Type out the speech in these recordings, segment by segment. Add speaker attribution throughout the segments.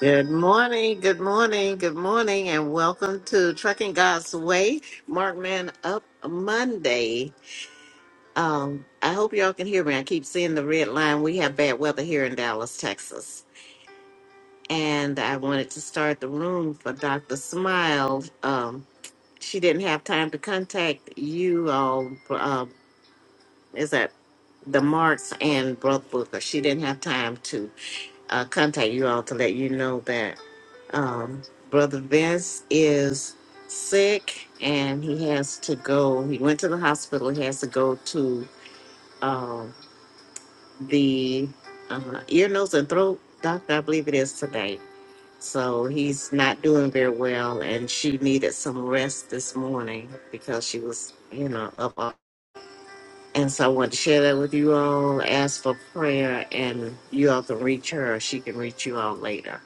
Speaker 1: Good morning, good morning, good morning, and welcome to Trucking God's Way, Mark Man Up Monday. Um, I hope y'all can hear me. I keep seeing the red line. We have bad weather here in Dallas, Texas. And I wanted to start the room for Dr. Smile. Um, she didn't have time to contact you all. Uh, is that the Marks and Brooke Booker? She didn't have time to uh, contact you all to let you know that. Um, Brother Vince is sick and he has to go. He went to the hospital. He has to go to um, the uh, ear, nose, and throat doctor, I believe it is today. So he's not doing very well, and she needed some rest this morning because she was, you know, up. all- And so I wanted to share that with you all. Ask for prayer, and you all can reach her, or she can reach you all later.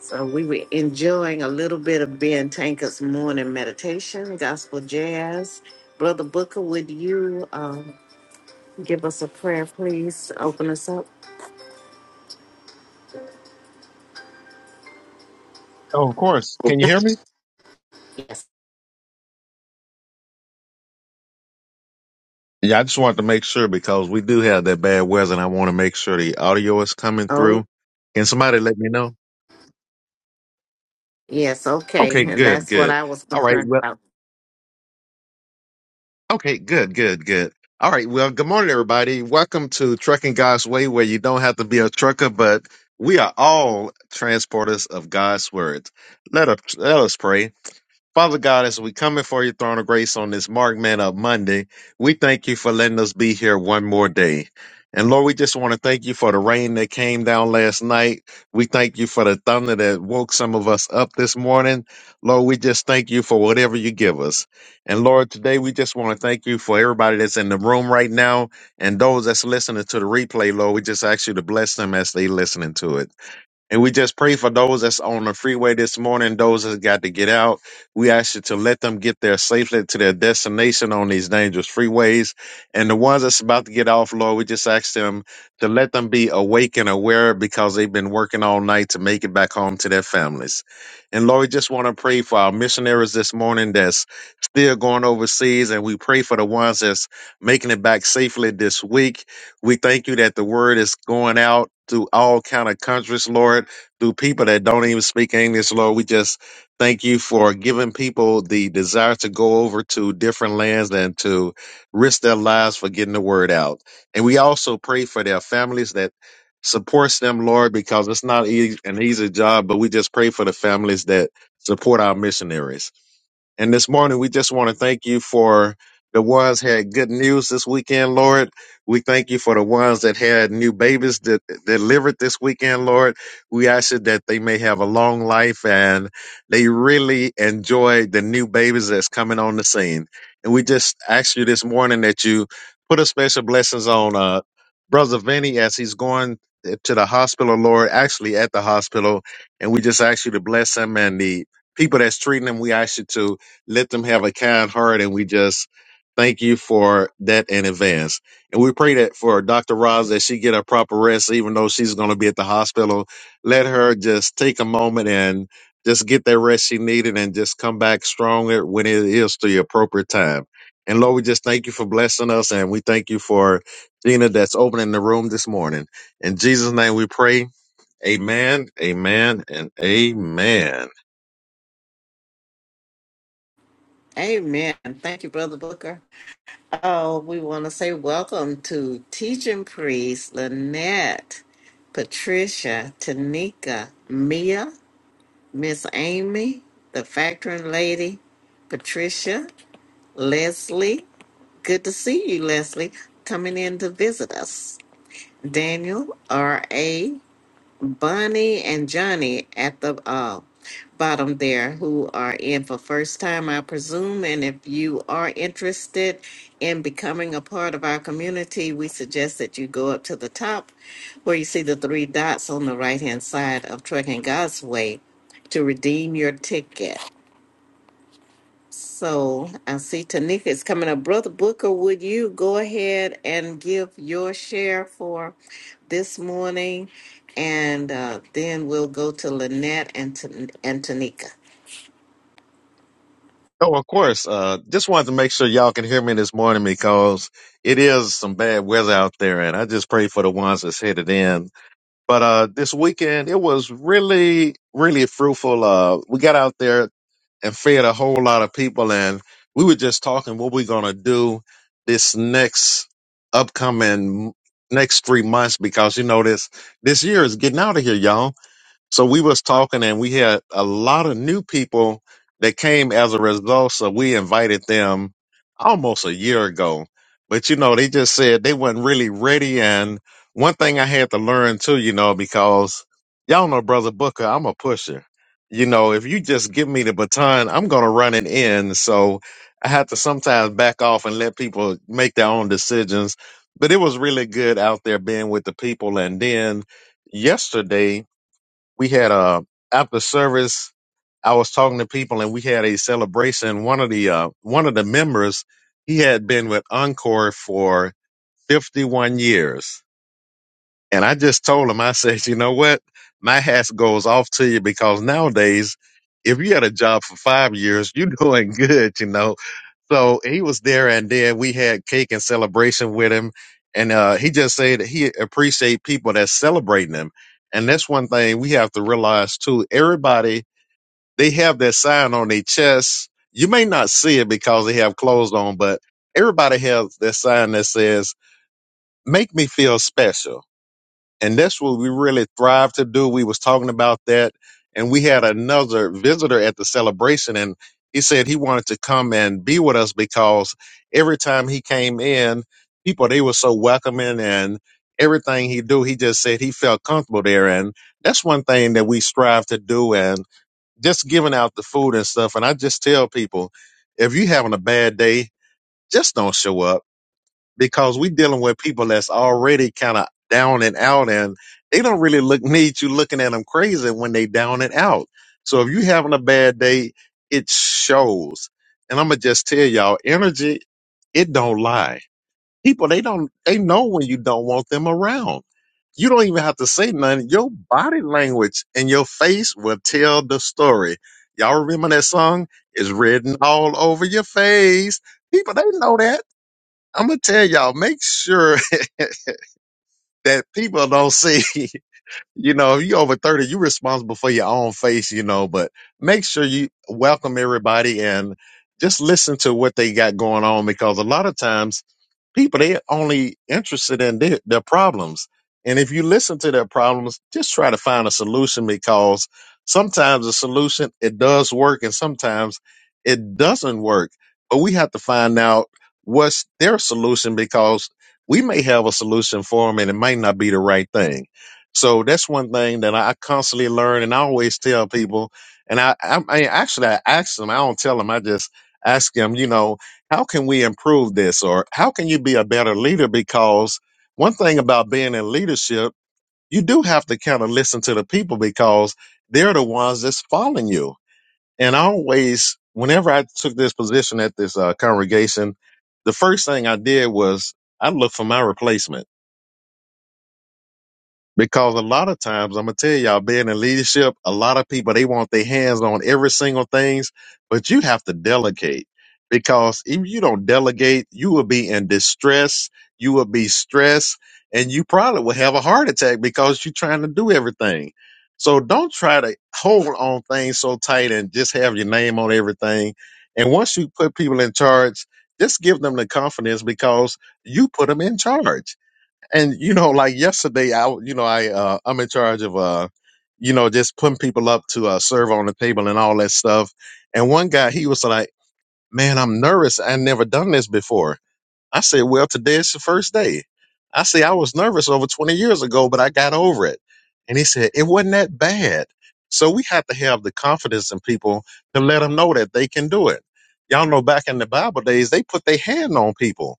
Speaker 1: So we were enjoying a little bit of Ben Tanker's morning meditation, gospel jazz. Brother Booker, would you um, give us a prayer, please? Open us up.
Speaker 2: Oh, of course. Can you hear me?
Speaker 1: Yes.
Speaker 2: Yeah, I just wanted to make sure because we do have that bad weather and I want to make sure the audio is coming
Speaker 1: Oh,
Speaker 2: through. Can somebody let me know?
Speaker 1: yes. Okay,
Speaker 2: Okay,
Speaker 1: and
Speaker 2: good,
Speaker 1: that's what
Speaker 2: good.
Speaker 1: I was
Speaker 2: All right.
Speaker 1: concerned
Speaker 2: Well,
Speaker 1: about.
Speaker 2: okay, good, good, good. All right. Well, good morning, everybody. Welcome to Trucking God's Way, where you don't have to be a trucker, but we are all transporters of God's word. Let us, let us pray. Father God, as we come before your throne of grace on this Mark Man Up Monday, we thank you for letting us be here one more day. And Lord, we just want to thank you for the rain that came down last night. We thank you for the thunder that woke some of us up this morning. Lord, we just thank you for whatever you give us. And Lord, today we just want to thank you for everybody that's in the room right now and those that's listening to the replay, Lord. We just ask you to bless them as they listening to it. And we just pray for those that's on the freeway this morning, those that got to get out. We ask you to let them get there safely to their destination on these dangerous freeways. And the ones that's about to get off, Lord, we just ask them to let them be awake and aware because they've been working all night to make it back home to their families. And Lord, we just want to pray for our missionaries this morning that's still going overseas. And we pray for the ones that's making it back safely this week. We thank you that the word is going out to all kind of countries, Lord, through people that don't even speak English, Lord. We just thank you for giving people the desire to go over to different lands and to risk their lives for getting the word out. And we also pray for their families that supports them, Lord, because it's not easy, an easy job, but we just pray for the families that support our missionaries. And this morning, we just want to thank you for the ones had good news this weekend, Lord. We thank you for the ones that had new babies that delivered this weekend, Lord. We ask you that they may have a long life and they really enjoy the new babies that's coming on the scene. And we just ask you this morning that you put a special blessings on uh, Brother Vinny as he's going to the hospital, Lord, actually at the hospital. And we just ask you to bless him and the people that's treating him. We ask you to let them have a kind heart. And we just thank you for that in advance. And we pray that for Dr. Roz that she get a proper rest, even though she's going to be at the hospital. Let her just take a moment and just get that rest she needed and just come back stronger when it is the appropriate time. And Lord, we just thank you for blessing us. And we thank you for Gina that's opening the room this morning. In Jesus' name we pray. Amen, amen, and amen.
Speaker 1: Amen. Thank you, Brother Booker. Oh, we want to say welcome to teaching priest Lynette, Patricia, Tanika, Mia, Miss Amy, the factoring lady, Patricia, Leslie, good to see you, Leslie, coming in to visit us. Daniel, R.A., Bunny, and Johnny at the uh, bottom there who are in for first time, I presume. And if you are interested in becoming a part of our community, we suggest that you go up to the top where you see the three dots on the right hand side of Trucking God's Way to redeem your ticket. So I see Tanika is coming up. Brother Booker, would you go ahead and give your share for this morning? And uh, then we'll go to Lynette and, Tan and Tanika.
Speaker 2: Oh, of course. Uh, just wanted to make sure y'all can hear me this morning because it is some bad weather out there, and I just pray for the ones that's headed in. But uh, this weekend, it was really, really fruitful. Uh, we got out there and fed a whole lot of people, and we were just talking what we're gonna do this next upcoming next three months because you know this this year is getting out of here, y'all so we was talking and we had a lot of new people that came as a result. So we invited them almost a year ago. But you know, they just said they weren't really ready. And one thing I had to learn too, you know, because y'all know brother Booker, I'm a pusher. You know, if you just give me the baton, I'm going to run it in. So I had to sometimes back off and let people make their own decisions. But it was really good out there being with the people. And then yesterday, we had a after service. I was talking to people, and we had a celebration. One of the uh, one of the members, he had been with Encore for 51 years, and I just told him, I said, you know what, my hat goes off to you because nowadays, if you had a job for five years, you're doing good, you know so he was there, and then we had cake and celebration with him. And uh, he just said that he appreciate people that's celebrating him. And that's one thing we have to realize too. Everybody they have that sign on their chest. You may not see it because they have clothes on, but everybody has that sign that says "Make me feel special." and that's what we really thrive to do. We was talking about that, and we had another visitor at the celebration, and he said he wanted to come and be with us because every time he came in, people they were so welcoming and everything he do, he just said he felt comfortable there, and that's one thing that we strive to do, and just giving out the food and stuff. And I just tell people, if you having a bad day, just don't show up because we dealing with people that's already kind of down and out and they don't really look need you looking at them crazy when they down and out. So if you having a bad day, it shows. And I'm gonna just tell y'all, energy, it don't lie. People they don't they know when you don't want them around. You don't even have to say nothing. Your body language and your face will tell the story. Y'all remember that song? It's written all over your face. People they know that I'm gonna tell y'all, make sure that people don't see, you know, if you over 30, you responsible for your own face, you know, but make sure you welcome everybody and just listen to what they got going on because a lot of times people they're only interested in their, their problems and if you listen to their problems just try to find a solution because sometimes the solution it does work and sometimes it doesn't work but we have to find out what's their solution because we may have a solution for them and it might not be the right thing so that's one thing that i constantly learn and i always tell people and i i, I actually i ask them i don't tell them i just ask them you know how can we improve this or how can you be a better leader because one thing about being in leadership you do have to kind of listen to the people because they're the ones that's following you and I always whenever i took this position at this uh, congregation the first thing i did was i looked for my replacement because a lot of times, I'm gonna tell y'all, being in leadership, a lot of people they want their hands on every single things, but you have to delegate. Because if you don't delegate, you will be in distress, you will be stressed, and you probably will have a heart attack because you're trying to do everything. So don't try to hold on things so tight and just have your name on everything. And once you put people in charge, just give them the confidence because you put them in charge and you know like yesterday i w- you know i uh, i'm in charge of uh you know just putting people up to uh serve on the table and all that stuff and one guy he was like man i'm nervous i never done this before i said well today is the first day i say i was nervous over 20 years ago but i got over it and he said it wasn't that bad so we have to have the confidence in people to let them know that they can do it y'all know back in the bible days they put their hand on people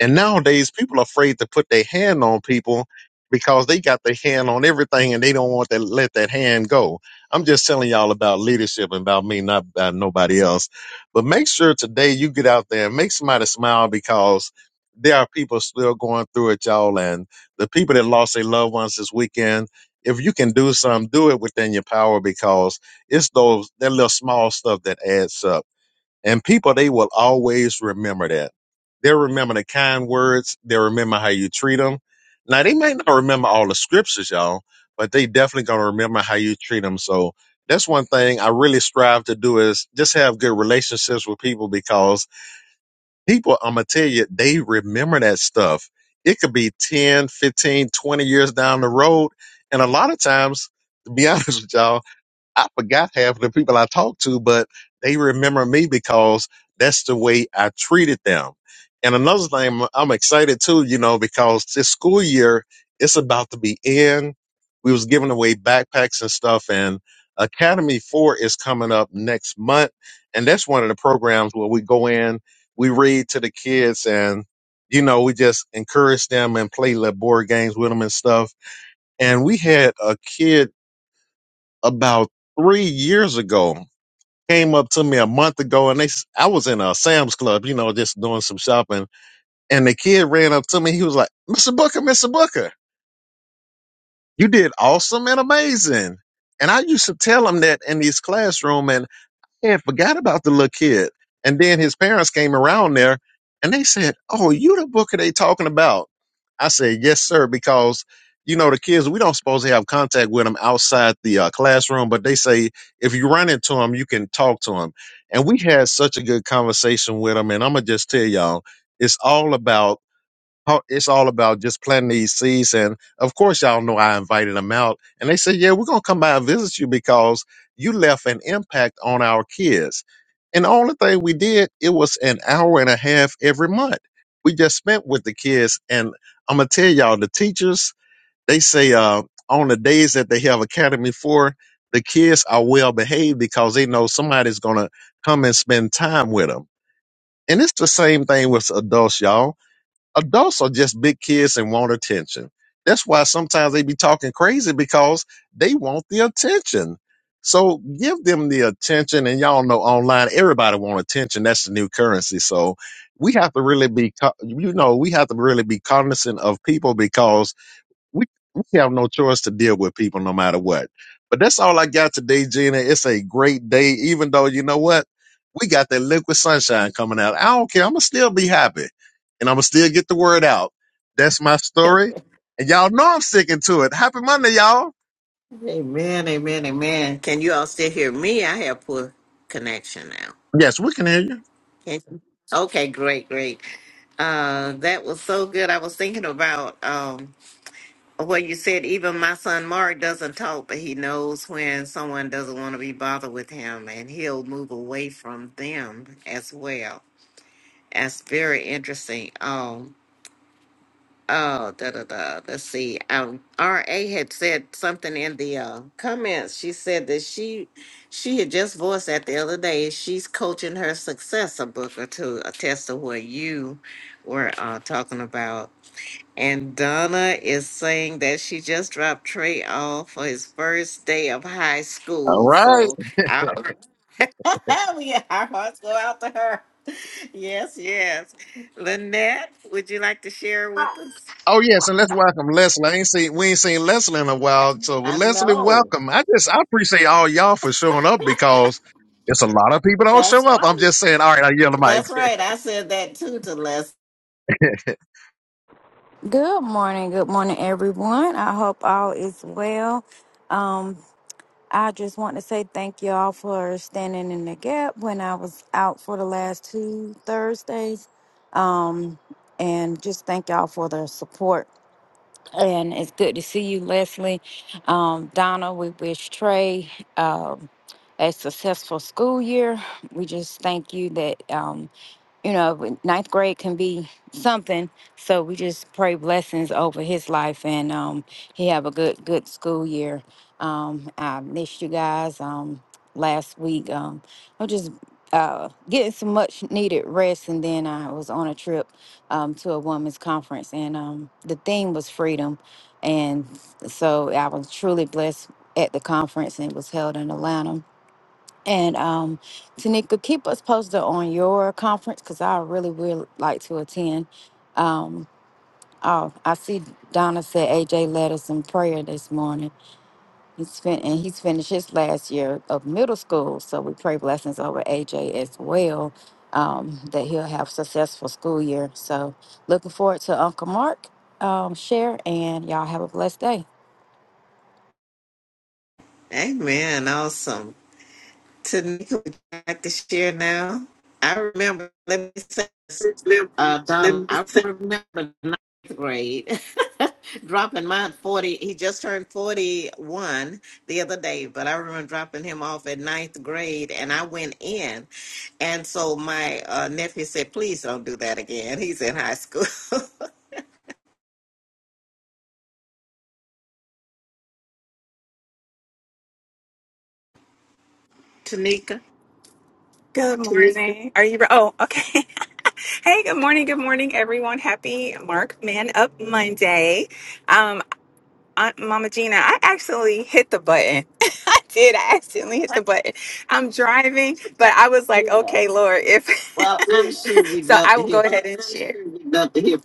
Speaker 2: and nowadays, people are afraid to put their hand on people because they got their hand on everything and they don't want to let that hand go. I'm just telling y'all about leadership and about me, not about nobody else. But make sure today you get out there and make somebody smile because there are people still going through it, y'all. And the people that lost their loved ones this weekend, if you can do something, do it within your power because it's those that little small stuff that adds up. And people, they will always remember that. They'll remember the kind words. They'll remember how you treat them. Now, they might not remember all the scriptures, y'all, but they definitely going to remember how you treat them. So that's one thing I really strive to do is just have good relationships with people because people, I'm going to tell you, they remember that stuff. It could be 10, 15, 20 years down the road. And a lot of times, to be honest with y'all, I forgot half of the people I talked to, but they remember me because that's the way I treated them. And another thing, I'm I'm excited too, you know, because this school year it's about to be in. We was giving away backpacks and stuff, and Academy Four is coming up next month, and that's one of the programs where we go in, we read to the kids, and you know, we just encourage them and play little board games with them and stuff. And we had a kid about three years ago came up to me a month ago and they s- I was in a Sam's Club, you know, just doing some shopping. And the kid ran up to me. He was like, Mr. Booker, Mr. Booker, you did awesome and amazing. And I used to tell him that in his classroom. and and forgot about the little kid. And then his parents came around there and they said, Oh, you the booker they talking about. I said, Yes, sir, because you know the kids we don't supposed to have contact with them outside the uh, classroom but they say if you run into them you can talk to them and we had such a good conversation with them and i'm gonna just tell y'all it's all about how- it's all about just planting these seeds. And of course, y'all know I invited them out, and they said, "Yeah, we're gonna come by and visit you because you left an impact on our kids." And the only thing we did it was an hour and a half every month. We just spent with the kids, and I'm gonna tell y'all, the teachers they say uh, on the days that they have academy for. The kids are well behaved because they know somebody's gonna come and spend time with them. And it's the same thing with adults, y'all adults are just big kids and want attention. That's why sometimes they be talking crazy because they want the attention. So give them the attention, and y'all know online everybody want attention. That's the new currency. So we have to really be, co- you know, we have to really be cognizant of people because we we have no choice to deal with people no matter what. But that's all I got today, Gina. It's a great day, even though you know what? We got that liquid sunshine coming out. I don't care. I'ma still be happy. And I'ma still get the word out. That's my story. And y'all know I'm sticking to it. Happy Monday, y'all.
Speaker 1: Amen, amen, amen. Can you all still hear me? I have poor connection now.
Speaker 2: Yes, we can hear you.
Speaker 1: Can you? Okay, great, great. Uh, that was so good. I was thinking about. Um, Well, you said even my son Mark doesn't talk, but he knows when someone doesn't want to be bothered with him, and he'll move away from them as well. That's very interesting. Um, oh, da da da. Let's see. Um, R. A. had said something in the uh, comments. She said that she she had just voiced that the other day. She's coaching her successor, Booker, to attest to what you were uh, talking about and Donna is saying that she just dropped Trey off for his first day of high
Speaker 2: All
Speaker 1: school.
Speaker 2: right.
Speaker 1: So our, yeah, our hearts go out to her. Yes, yes. Lynette, would you like to share with us?
Speaker 2: Oh yes, and let's welcome Leslie. I ain't seen we ain't seen Leslie in a while. So
Speaker 1: I
Speaker 2: Leslie,
Speaker 1: know.
Speaker 2: welcome. I just I appreciate all y'all for showing up because it's a lot of people don't show
Speaker 1: That's
Speaker 2: up. I'm
Speaker 1: right.
Speaker 2: just saying, all right, I yell the mic.
Speaker 1: That's right. I said that too to Les.
Speaker 3: Good morning. Good morning, everyone. I hope all is well. Um, I just want to say thank you all for standing in the gap when I was out for the last two Thursdays. Um, and just thank y'all for the support. And it's good to see you, Leslie. Um, Donna, we wish Trey um, a successful school year. We just thank you that. Um, you know, ninth grade can be something. So we just pray blessings over his life, and um, he have a good good school year. Um, I missed you guys um, last week. Um, I'm just uh, getting some much needed rest, and then I was on a trip um, to a women's conference, and um, the theme was freedom, and so I was truly blessed at the conference, and it was held in Atlanta and um, Tanika, keep us posted on your conference because I really would like to attend. Um, oh, I see Donna said AJ led us in prayer this morning. He's fin- and he's finished his last year of middle school, so we pray blessings over AJ as well um, that he'll have successful school year. So looking forward to Uncle Mark um, share, and y'all have a blessed day.
Speaker 1: Amen. Awesome. Tanika would you like to share now. I remember, let me say this, uh, Donna, I remember ninth grade dropping mine 40. He just turned 41 the other day, but I remember dropping him off at ninth grade and I went in. And so my uh, nephew said, please don't do that again. He's in high school. Tanika?
Speaker 4: Good morning. Are you? Oh, okay. Hey, good morning. Good morning, everyone. Happy Mark Man Up Monday. Um, Aunt Mama Gina, I actually hit the button. I did. I accidentally hit the button. I'm driving, but I was like,
Speaker 1: Yeah.
Speaker 4: okay, Lord, if
Speaker 1: Well, I'm sure we'd
Speaker 4: so,
Speaker 1: love
Speaker 4: I
Speaker 1: to
Speaker 4: will
Speaker 1: hear
Speaker 4: go
Speaker 1: from
Speaker 4: ahead and share.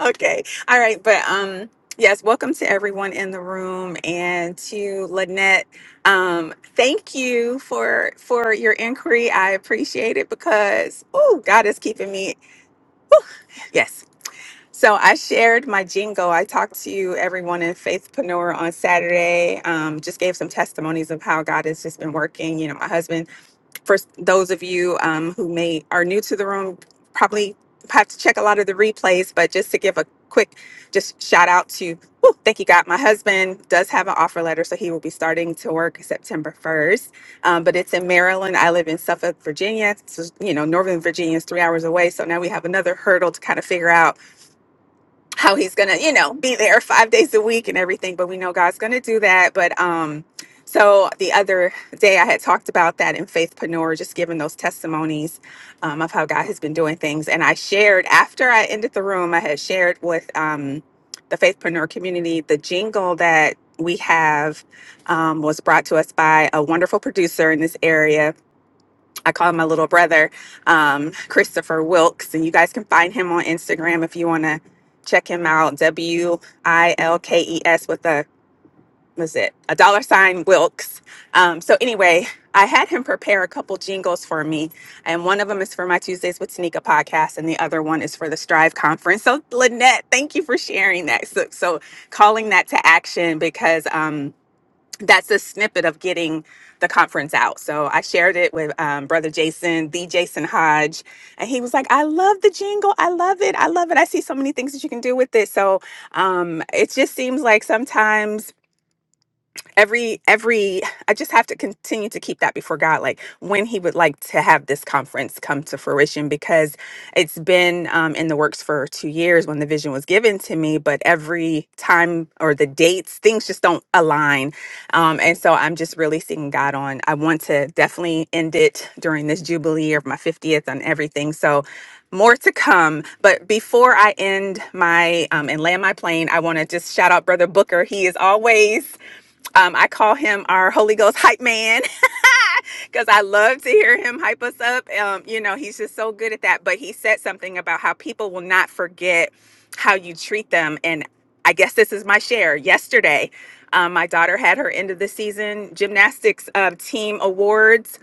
Speaker 4: Okay. All right. But um yes, welcome to everyone in the room and to Lynette. Um, thank you for for your inquiry. I appreciate it because oh God is keeping me. Yes. So I shared my jingo. I talked to everyone in Faithpreneur on Saturday. Um, just gave some testimonies of how God has just been working. You know, my husband for those of you um, who may are new to the room, probably have to check a lot of the replays. But just to give a quick, just shout out to, whew, thank you God. My husband does have an offer letter, so he will be starting to work September first. Um, but it's in Maryland. I live in Suffolk, Virginia. So you know, Northern Virginia is three hours away. So now we have another hurdle to kind of figure out how he's gonna you know be there five days a week and everything but we know god's gonna do that but um so the other day i had talked about that in faithpreneur just giving those testimonies um, of how god has been doing things and i shared after i ended the room i had shared with um, the faithpreneur community the jingle that we have um, was brought to us by a wonderful producer in this area I call my little brother um, Christopher Wilkes, and you guys can find him on Instagram if you want to check him out. W I L K E S with a was it a dollar sign Wilkes. Um, so anyway, I had him prepare a couple jingles for me, and one of them is for my Tuesdays with Sneaker podcast, and the other one is for the Strive conference. So Lynette, thank you for sharing that. So, so calling that to action because. Um, that's a snippet of getting the conference out. So I shared it with um, Brother Jason, the Jason Hodge, and he was like, I love the jingle. I love it. I love it. I see so many things that you can do with it. So um, it just seems like sometimes every every i just have to continue to keep that before god like when he would like to have this conference come to fruition because it's been um, in the works for two years when the vision was given to me but every time or the dates things just don't align um, and so i'm just really seeking god on i want to definitely end it during this jubilee of my 50th and everything so more to come. But before I end my um, and land my plane, I want to just shout out Brother Booker. He is always um, I call him our Holy Ghost hype man because I love to hear him hype us up. Um, you know, he's just so good at that. But he said something about how people will not forget how you treat them. And I guess this is my share. Yesterday, um, my daughter had her end of the season gymnastics uh, team awards.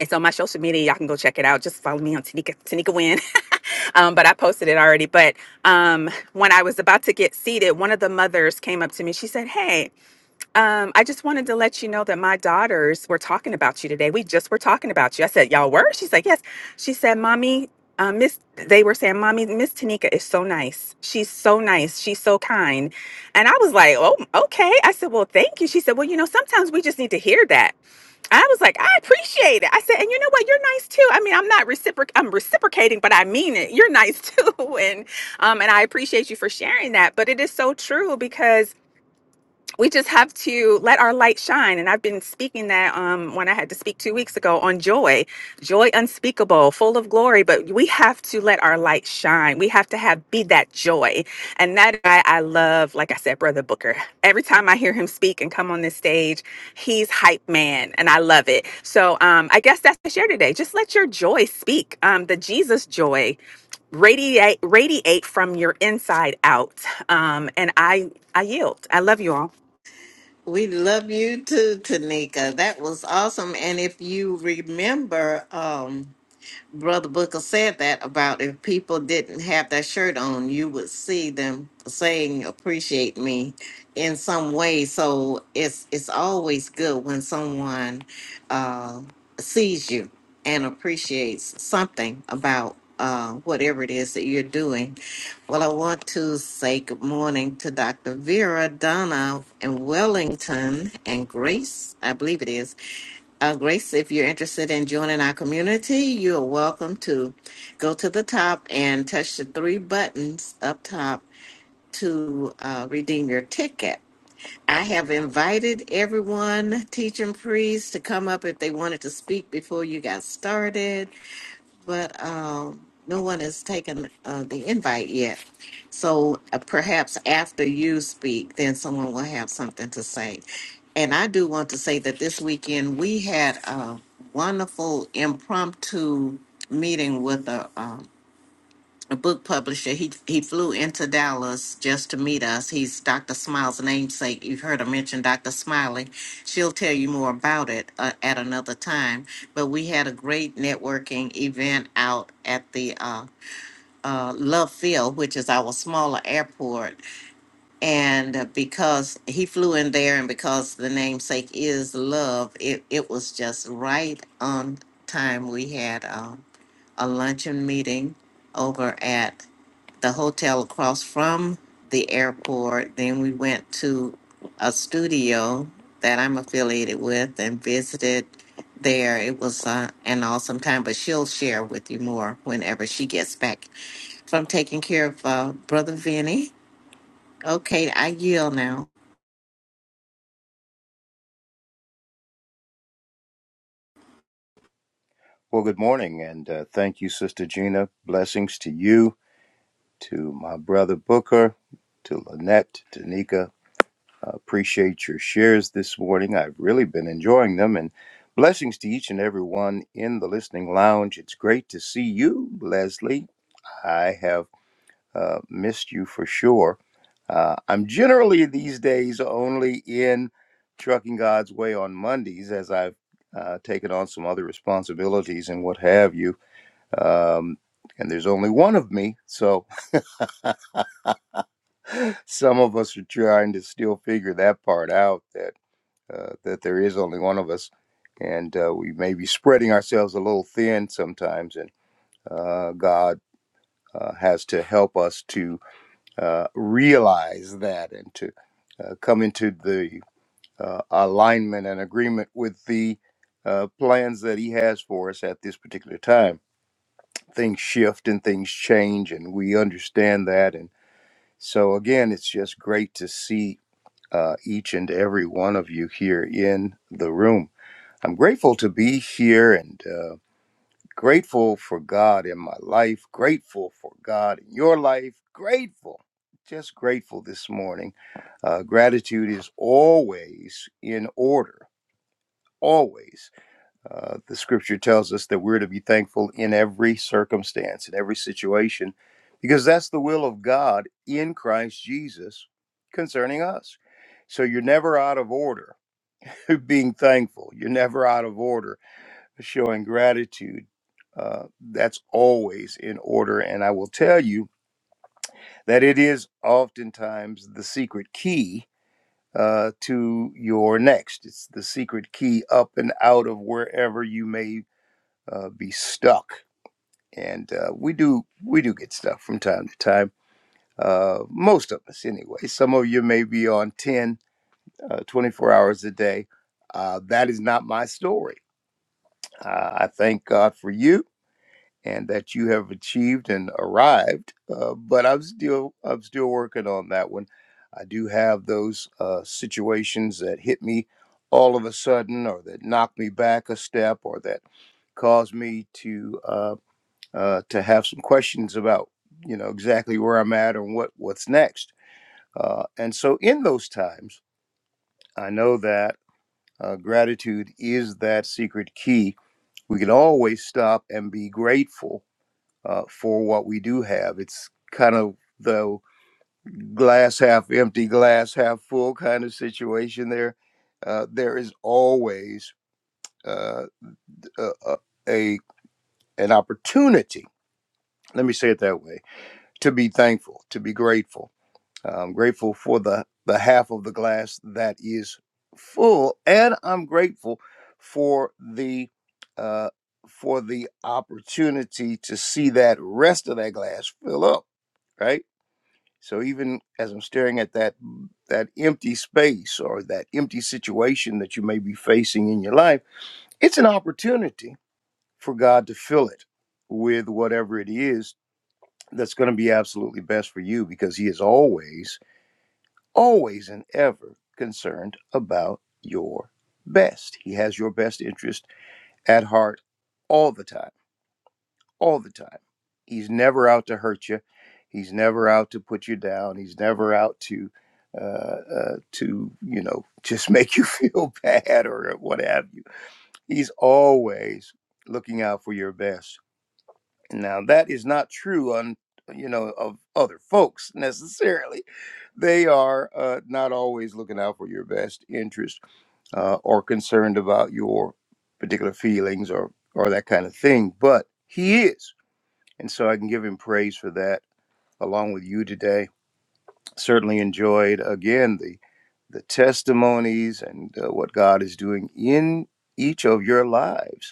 Speaker 4: It's on my social media. Y'all can go check it out. Just follow me on Tanika, Tanika Win. Um, but I posted it already. But um, when I was about to get seated, one of the mothers came up to me. She said, Hey, um, I just wanted to let you know that my daughters were talking about you today. We just were talking about you. I said, Y'all were? She's like, Yes. She said, Mommy, uh, Miss, they were saying, Mommy, Miss Tanika is so nice. She's so nice. She's so kind. And I was like, Oh, okay. I said, Well, thank you. She said, Well, you know, sometimes we just need to hear that. I was like, I appreciate it. I said, And you know what? You're nice too. I mean, I'm not reciproc, I'm reciprocating, but I mean it. You're nice too. And, um, and I appreciate you for sharing that. But it is so true because we just have to let our light shine. And I've been speaking that um, when I had to speak two weeks ago on joy, joy unspeakable, full of glory. But we have to let our light shine. We have to have be that joy. And that I, I love, like I said, Brother Booker. Every time I hear him speak and come on this stage, he's hype man, and I love it. So um, I guess that's the share today. Just let your joy speak. Um, the Jesus joy radiate radiate from your inside out. Um, and I I yield. I love you all.
Speaker 1: We love you too, Tanika. That was awesome. And if you remember, um, Brother Booker said that about if people didn't have that shirt on, you would see them saying appreciate me in some way. So it's it's always good when someone uh, sees you and appreciates something about uh, whatever it is that you're doing. Well, I want to say good morning to Dr. Vera Donna and Wellington and Grace, I believe it is uh, Grace, if you're interested in joining our community, you're welcome to go to the top and touch the three buttons up top to uh, redeem your ticket. I have invited everyone, teaching priests, to come up if they wanted to speak before you got started but um, no one has taken uh, the invite yet. So uh, perhaps after you speak, then someone will have something to say. And I do want to say that this weekend we had a wonderful impromptu meeting with a, a book publisher. He he flew into Dallas just to meet us. He's Dr. Smile's namesake. You've heard her mention Dr. Smiley. She'll tell you more about it uh, at another time. But we had a great networking event out at the uh, uh, Love Field, which is our smaller airport. And uh, because he flew in there, and because the namesake is Love, it it was just right on time. We had uh, a luncheon meeting over at the hotel across from the airport. Then we went to a studio that I'm affiliated with and visited there. It was uh, an awesome time, but she'll share with you more whenever she gets back from taking care of uh, Brother Vinny. Okay, I yield now.
Speaker 5: Well, good morning, and uh, thank you, Sister Gina. Blessings to you, to my brother Booker, to Lynette, to Nika. I appreciate your shares this morning. I've really been enjoying them, and blessings to each and every one in the listening lounge. It's great to see you, Leslie. I have uh, missed you for sure. Uh, I'm generally these days only in Trucking God's Way on Mondays as I've uh, taken on some other responsibilities and what have you um, and there's only one of me. So some of us are trying to still figure that part out that uh, that there is only one of us, and uh, we may be spreading ourselves a little thin sometimes, and uh, God uh, has to help us to uh, realize that and to uh, come into the uh, alignment and agreement with the uh, plans that He has for us at this particular time. Things shift and things change, and we understand that, and So, again, it's just great to see uh, each and every one of you here in the room. I'm grateful to be here and uh, grateful for God in my life, grateful for God in your life, grateful, just grateful this morning. Uh, gratitude is always in order, always. Uh, the scripture tells us that we're to be thankful in every circumstance, in every situation, because that's the will of God in Christ Jesus concerning us. So you're never out of order being thankful. You're never out of order showing gratitude. Uh, that's always in order. And I will tell you that it is oftentimes the secret key uh, to your next. It's the secret key up and out of wherever you may uh, be stuck. And uh, we do we do get stuck from time to time. Uh, most of us, anyway. Some of you may be on 10, uh, 24 hours a day. Uh, that is not my story. Uh, I thank God for you and that you have achieved and arrived. Uh, but I'm still I'm still working on that one. I do have those uh, situations that hit me all of a sudden, or that knock me back a step, or that cause me to. Uh, uh, to have some questions about, you know, exactly where I'm at and what what's next. Uh, and so in those times, I know that uh, gratitude is that secret key. We can always stop and be grateful uh, for what we do have. It's kind of the glass half empty, glass half full kind of situation. There, uh, there is always uh, a, a a- an opportunity. Let me say it that way: to be thankful, to be grateful I'm grateful for the, the half of the glass that is full, and I'm grateful for the uh, for the opportunity to see that rest of that glass fill up. Right. So even as I'm staring at that that empty space or that empty situation that you may be facing in your life, it's an opportunity for God to fill it with whatever it is that's going to be absolutely best for you because He is always always and ever concerned about your best. He has your best interest at heart all the time, all the time. He's never out to hurt you. He's never out to put you down. He's never out to uh, uh, to you know just make you feel bad or what have you. He's always looking out for your best now that is not true on you know of other folks necessarily. They are uh, not always looking out for your best interest uh, or concerned about your particular feelings or or that kind of thing. But he is, and so I can give him praise for that. Along with you today, certainly enjoyed again the the testimonies and uh, what God is doing in each of your lives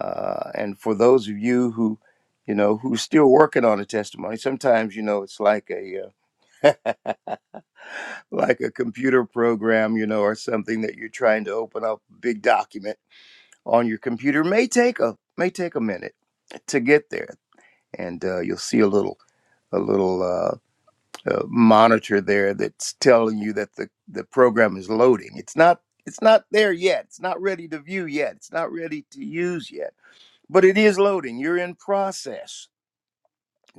Speaker 5: uh, and for those of you who, you know, who's still working on a testimony, sometimes you know it's like a uh, like a computer program, you know, or something that you're trying to open up a big document on your computer may take a may take a minute to get there, and uh, you'll see a little a little uh, uh, monitor there that's telling you that the the program is loading. It's not it's not there yet. It's not ready to view yet. It's not ready to use yet. But it is loading. You're in process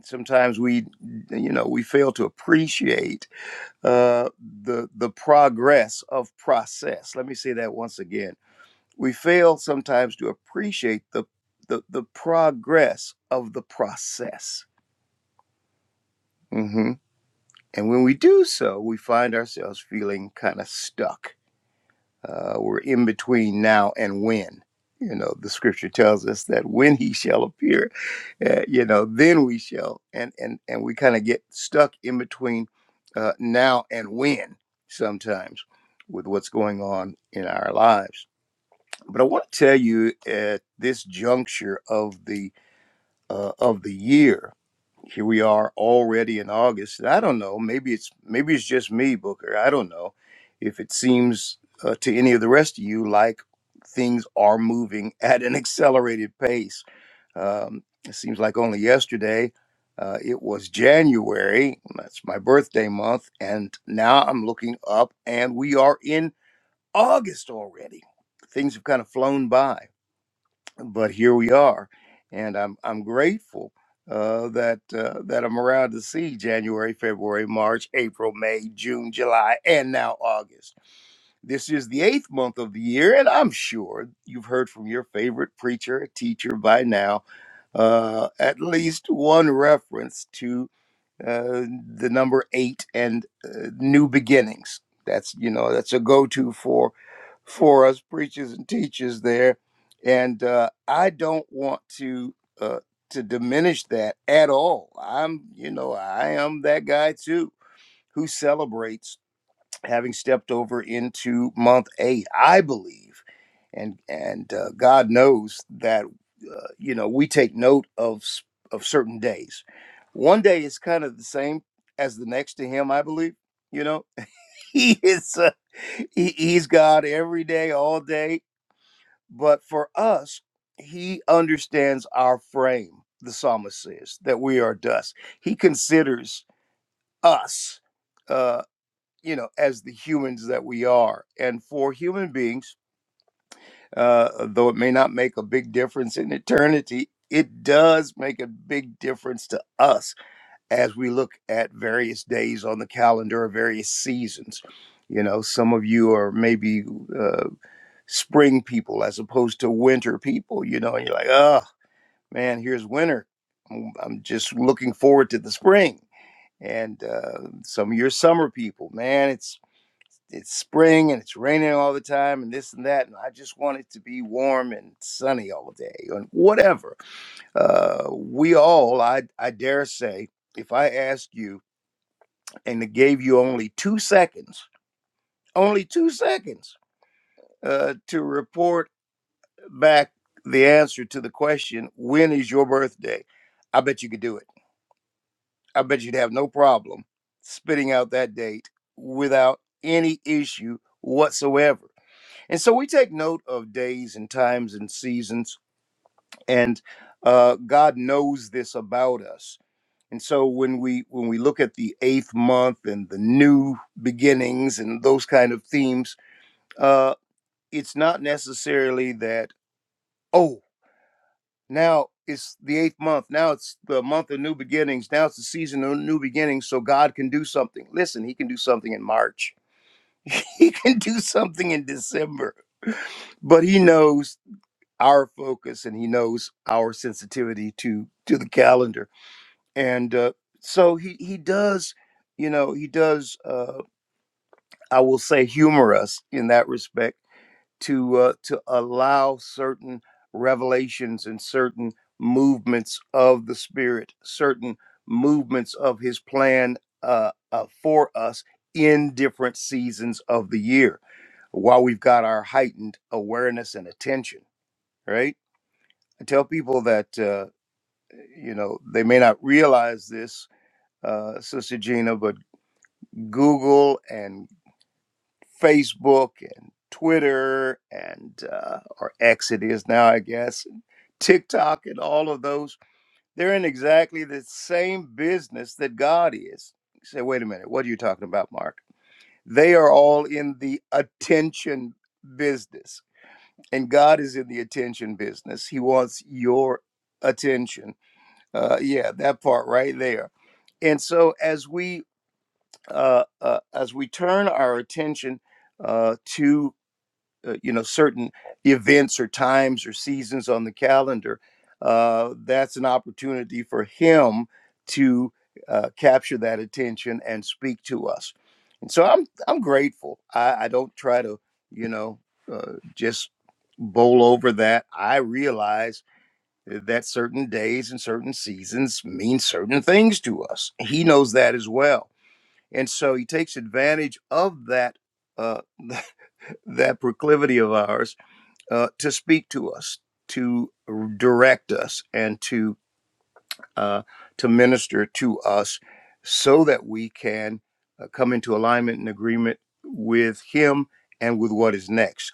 Speaker 5: sometimes we you know we fail to appreciate uh, the the progress of process let me say that once again we fail sometimes to appreciate the the, the progress of the process hmm and when we do so we find ourselves feeling kind of stuck Uh, we're in between now and when. You know, the scripture tells us that when he shall appear, uh, you know, then we shall. And and and we kind of get stuck in between uh, now and when sometimes with what's going on in our lives. But I want to tell you at this juncture of the uh, of the year. Here we are already in August. And I don't know. Maybe it's maybe it's just me, Booker. I don't know if it seems uh, to any of the rest of you like things are moving at an accelerated pace. Um, it seems like only yesterday uh, it was January. That's my birthday month, and now I'm looking up, and we are in August already. Things have kind of flown by but here we are, and I'm I'm grateful uh, that uh, that I'm around to see January, February, March, April, May, June, July, and now August. This is the eighth month of the year, and I'm sure you've heard from your favorite preacher, teacher by now, uh, at least one reference to uh, the number eight and uh, new beginnings. That's you know that's a go-to for for us preachers and teachers there, and uh, I don't want to uh, to diminish that at all. I'm you know I am that guy too who celebrates having stepped over into month eight, I believe, and and uh, God knows that uh, you know we take note of s- of certain days. One day is kind of the same as the next to Him, I believe. You know, He is uh, he, He's God every day, all day. But for us, He understands our frame. The psalmist says that we are dust. He considers us. uh, you know, as the humans that we are. And for human beings, uh, though it may not make a big difference in eternity, it does make a big difference to us as we look at various days on the calendar or various seasons. You know, some of you are maybe uh, spring people as opposed to winter people, you know, and you're like, oh, man, here's winter. I'm I'm just looking forward to the spring. And uh, some of your summer people, man, it's it's spring and it's raining all the time and this and that and i just want it to be warm and sunny all day and whatever uh, we all I, I dare say if i asked you and it gave you only two seconds only two seconds uh, to report back the answer to the question when is your birthday i bet you could do it i bet you'd have no problem spitting out that date without any issue whatsoever And so we take note of days and times and seasons, and uh, God knows this about us. And so when we when we look at the eighth month and the new beginnings and those kind of themes, uh, it's not necessarily that oh now it's the eighth month now it's the month of new beginnings now it's the season of new beginnings so God can do something. Listen, He can do something in March. He can do something in December but he knows our focus and he knows our sensitivity to to the calendar and uh, so he he does you know he does uh, i will say humor us in that respect to uh, to allow certain revelations and certain movements of the spirit certain movements of his plan uh, uh, for us in different seasons of the year while we've got our heightened awareness and attention right I tell people that Uh, you know they may not realize this uh, sister gina but google and facebook and twitter and uh, or x it is now i guess tiktok and all of those they're in exactly the same business that god is you say wait a minute what are you talking about mark they are all in the attention business and god is in the attention business he wants your attention Uh, yeah, that part right there. And so as we uh, uh, as we turn our attention uh, to uh, you know certain events or times or seasons on the calendar, uh, that's an opportunity for him to uh, capture that attention and speak to us. And so I'm I'm grateful. I, I don't try to you know uh, just bowl over that. I realize eh, that certain days and certain seasons mean certain things to us. He knows that as well. And so he takes advantage of that uh, that proclivity of ours uh, to speak to us, to direct us, and to uh, to minister to us, so that we can uh, come into alignment and agreement with Him and with what is next.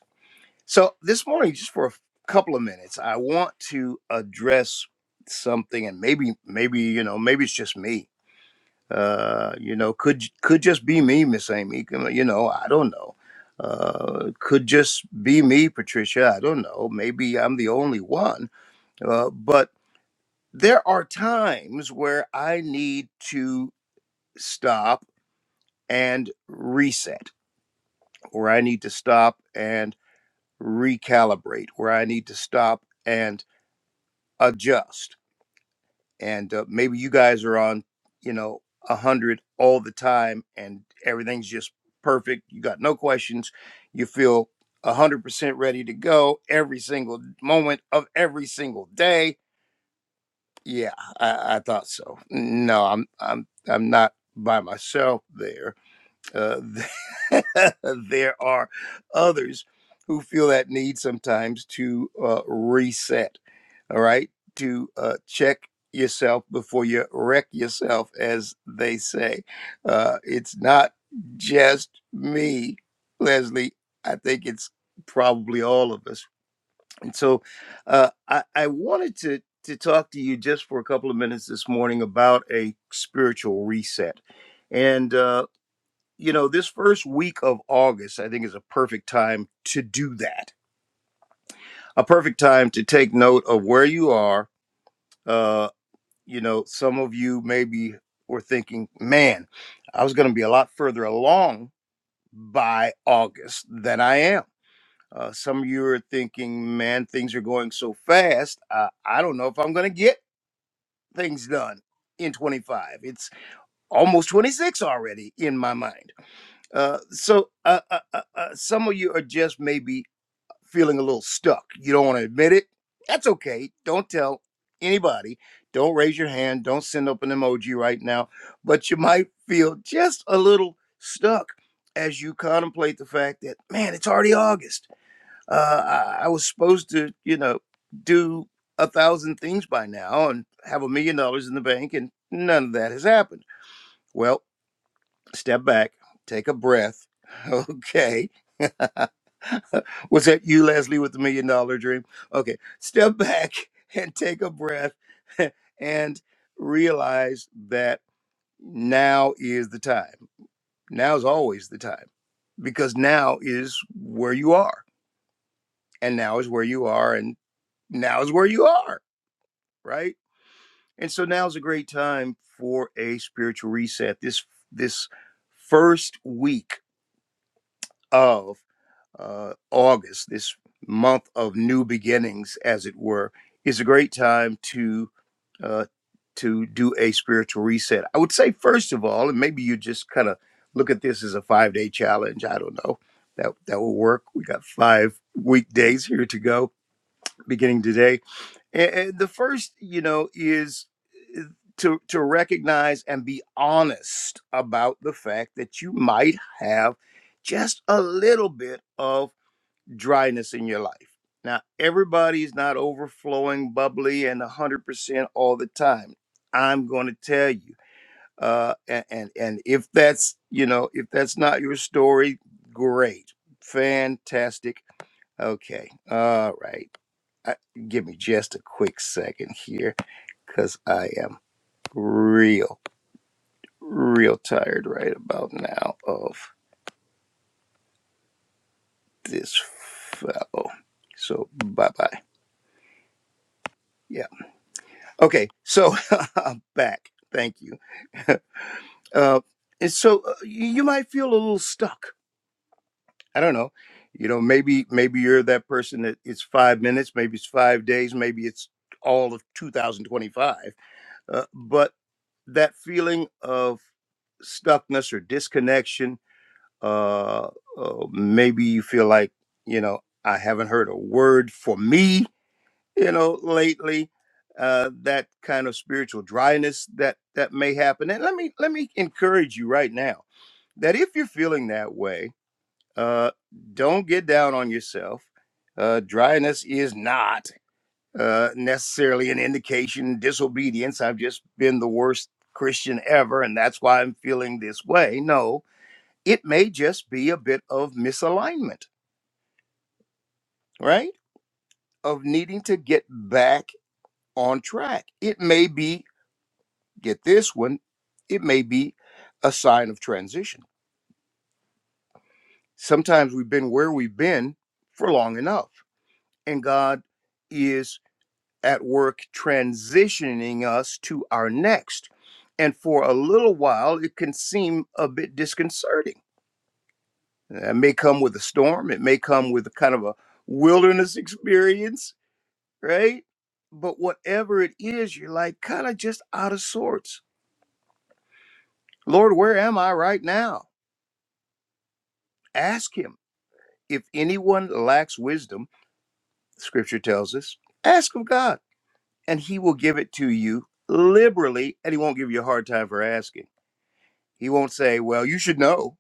Speaker 5: So this morning, just for a couple of minutes, I want to address something, and maybe, maybe you know, maybe it's just me. Uh, you know, could could just be me, Miss Amy. You know, I don't know. Uh, could just be me, Patricia. I don't know. Maybe I'm the only one. Uh, but there are times where I need to stop and reset, or I need to stop and recalibrate, where I need to stop and adjust and uh, maybe you guys are on you know a hundred all the time and everything's just perfect you got no questions you feel a hundred percent ready to go every single moment of every single day yeah I, I thought so no i'm i'm i'm not by myself there uh, there are others who feel that need sometimes to uh, reset, all right, to uh, check yourself before you wreck yourself, as they say. Uh, it's not just me, Leslie. I think it's probably all of us. And so uh, I, I wanted to, to talk to you just for a couple of minutes this morning about a spiritual reset. And uh, you know, this first week of August, I think, is a perfect time to do that. A perfect time to take note of where you are. Uh, you know, some of you maybe were thinking, man, I was going to be a lot further along by August than I am. Uh, some of you are thinking, man, things are going so fast. Uh, I don't know if I'm going to get things done in 25. It's almost 26 already in my mind. Uh, so uh, uh, uh, uh, some of you are just maybe feeling a little stuck. You don't want to admit it. That's okay. Don't tell anybody. Don't raise your hand. Don't send up an emoji right now. But you might feel just a little stuck as you contemplate the fact that, man, it's already August. Uh, I, I was supposed to, you know, do a thousand things by now and have a million dollars in the bank, and none of that has happened. Well, Step back, take a breath. Okay. Was that you, Leslie, with the million dollar dream? Okay. Step back and take a breath and realize that now is the time. Now is always the time because now is where you are. And now is where you are. And now is where you are. Right. And so now is a great time for a spiritual reset. This, this first week of uh, August, this month of new beginnings, as it were, is a great time to uh, to do a spiritual reset. I would say first of all, and maybe you just kind of look at this as a five day challenge. I don't know that that will work. We got five weekdays here to go, beginning today. And, and the first, you know, is uh, to to recognize and be honest about the fact that you might have just a little bit of dryness in your life. Now, everybody's not overflowing, bubbly, and 100% all the time. I'm going to tell you. Uh, and, and, and if that's, you know, if that's not your story, great. Fantastic. Okay. All right. I, give me just a quick second here because I am real, real tired right about now of this fellow. So, bye bye. Okay, so I'm back. Thank you. Uh, and so uh, you you might feel a little stuck. I don't know. You know, maybe maybe you're that person that it's five minutes, maybe it's five days, maybe it's all of 2025. Uh, but that feeling of stuckness or disconnection, uh, uh, maybe you feel like you know I haven't heard a word for me you know lately uh that kind of spiritual dryness that that may happen and let me let me encourage you right now that if you're feeling that way uh don't get down on yourself uh dryness is not uh necessarily an indication of disobedience i've just been the worst christian ever and that's why i'm feeling this way no it may just be a bit of misalignment right of needing to get back on track. It may be Get this one, it may be a sign of transition. Sometimes we've been where we've been for long enough, and God is at work transitioning us to our next. And for a little while, it can seem a bit disconcerting. It may come with a storm, it may come with a kind of a wilderness experience, right? But whatever it is, you're like kind of just out of sorts. Lord, where am I right now? Ask Him If anyone lacks wisdom, scripture tells us, ask of God, and he will give it to you liberally, and he won't give you a hard time for asking. He won't say, Well, you should know.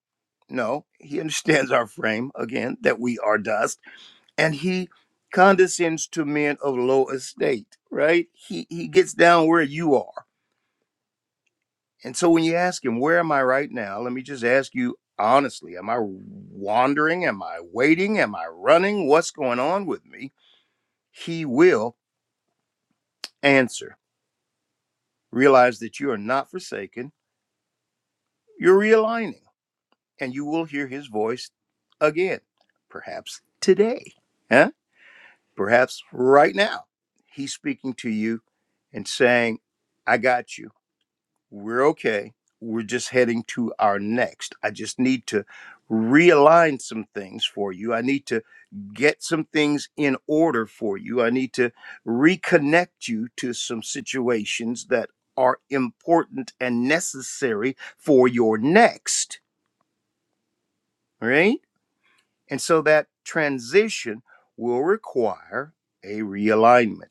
Speaker 5: No, he understands our frame, again, that we are dust, and he condescends to men of low estate, right? He he gets down where you are. And so when you ask him, Where am I right now? Let me just ask you honestly, am I wandering? Am I waiting? Am I running? What's going on with me? He will answer. Realize that you are not forsaken. You're realigning, and you will hear his voice again, perhaps today, huh? perhaps right now. He's speaking to you and saying, I got you. We're okay. We're just heading to our next. I just need to realign some things for you. I need to get some things in order for you. I need to reconnect you to some situations that are important and necessary for your next, right? And so that transition will require a realignment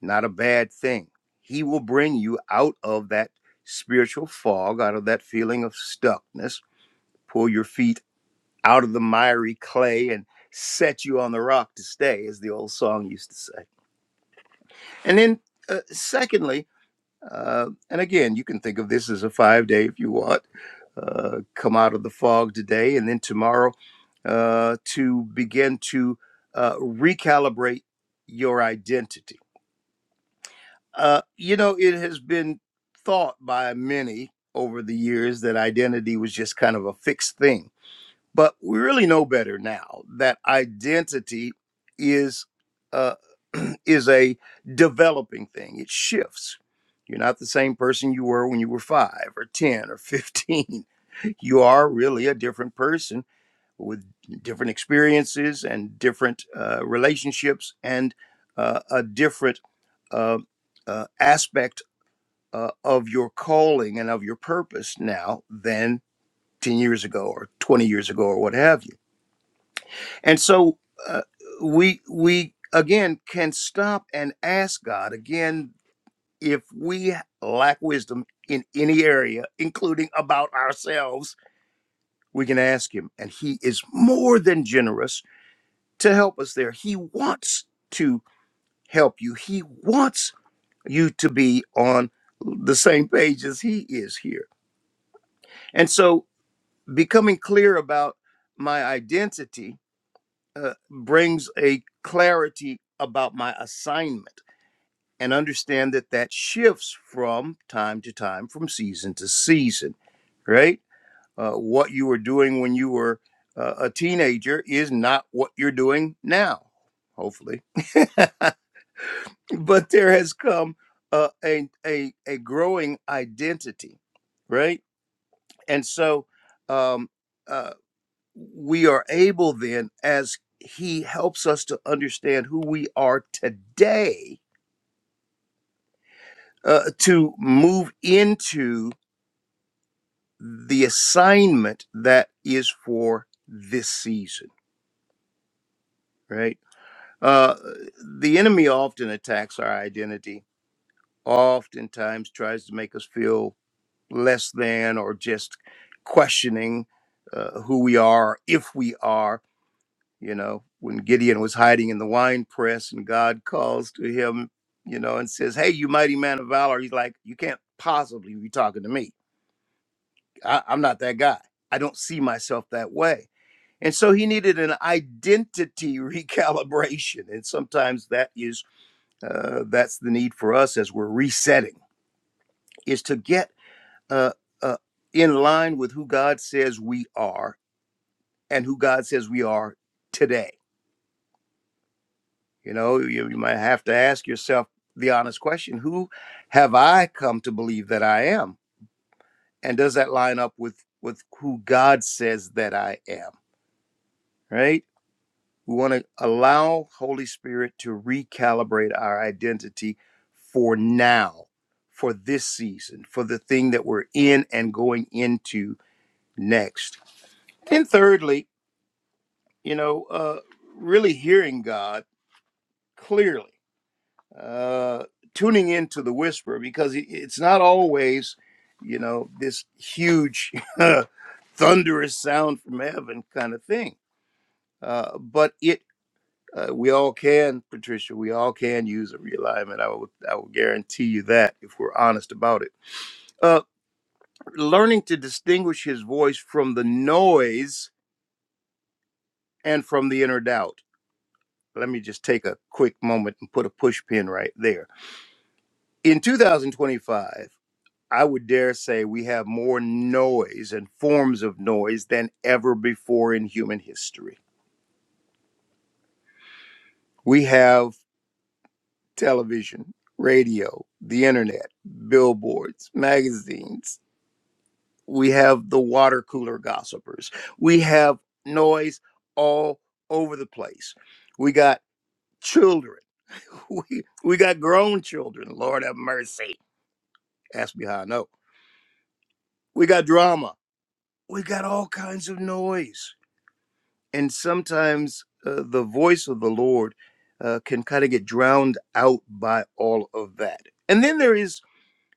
Speaker 5: not a bad thing. He will bring you out of that spiritual fog, out of that feeling of stuckness, pull your feet out of the miry clay and set you on the rock to stay, as the old song used to say. And then, uh, secondly, uh, and again, you can think of this as a five day if you want. Uh, come out of the fog today and then tomorrow uh, to begin to uh, recalibrate your identity Uh, you know, it has been thought by many over the years that identity was just kind of a fixed thing. But we really know better now that identity is uh, is a developing thing. It shifts. You're not the same person you were when you were five or ten or fifteen. You are really a different person with different experiences and different uh, relationships and uh, a different uh, uh, aspect uh, of your calling and of your purpose now than 10 years ago or 20 years ago or what have you. And so uh, we we again can stop and ask God again if we lack wisdom in any area including about ourselves we can ask him and he is more than generous to help us there. He wants to help you. He wants you to be on the same page as He is here. And so, becoming clear about my identity uh, brings a clarity about my assignment and understand that that shifts from time to time, from season to season, right? Uh, what you were doing when you were uh, a teenager is not what you're doing now, hopefully. but there has come uh, a a a growing identity, right? And so um, uh, we are able then, as He helps us to understand who we are today, uh, to move into the assignment that is for this season, right? Uh, the enemy often attacks our identity. Oftentimes, tries to make us feel less than or just questioning uh, who we are, if we are. You know, when Gideon was hiding in the wine press and God calls to him, you know, and says, Hey, you mighty man of valor, he's like, You can't possibly be talking to me. I, I'm not that guy. I don't see myself that way. And so he needed an identity recalibration. And sometimes that is, uh, that's the need for us as we're resetting, is to get uh, uh, in line with who God says we are and who God says we are today. You know, you, you might have to ask yourself the honest question: Who have I come to believe that I am, and does that line up with with who God says that I am? Right? We want to allow Holy Spirit to recalibrate our identity for now, for this season, for the thing that we're in and going into next. And thirdly, you know, uh, really hearing God clearly, uh, tuning into the whisper because it- it's not always, you know, this huge, thunderous sound from heaven kind of thing. Uh, but it, uh, we all can, Patricia, we all can use a realignment. I will, I will guarantee you that if we're honest about it. Uh, learning to distinguish his voice from the noise and from the inner doubt let me just take a quick moment and put a push pin right there. In 2025, I would dare say we have more noise and forms of noise than ever before in human history. We have television, radio, the internet, billboards, magazines. We have the water cooler gossipers. We have noise all over the place. We got children. We, we got grown children. Lord have mercy. Ask me how I know we got drama we got all kinds of noise and sometimes uh, the voice of the lord uh, can kind of get drowned out by all of that and then there is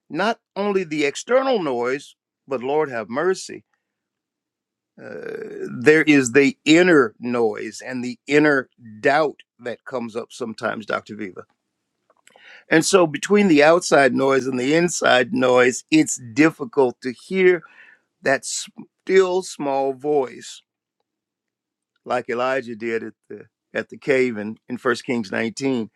Speaker 5: not only the external noise but lord have mercy uh, there is the inner noise and the inner doubt that comes up sometimes dr viva and so between the outside noise and the inside noise it's difficult to hear that still small voice like Elijah did at the at the cave in, in 1 Kings 19.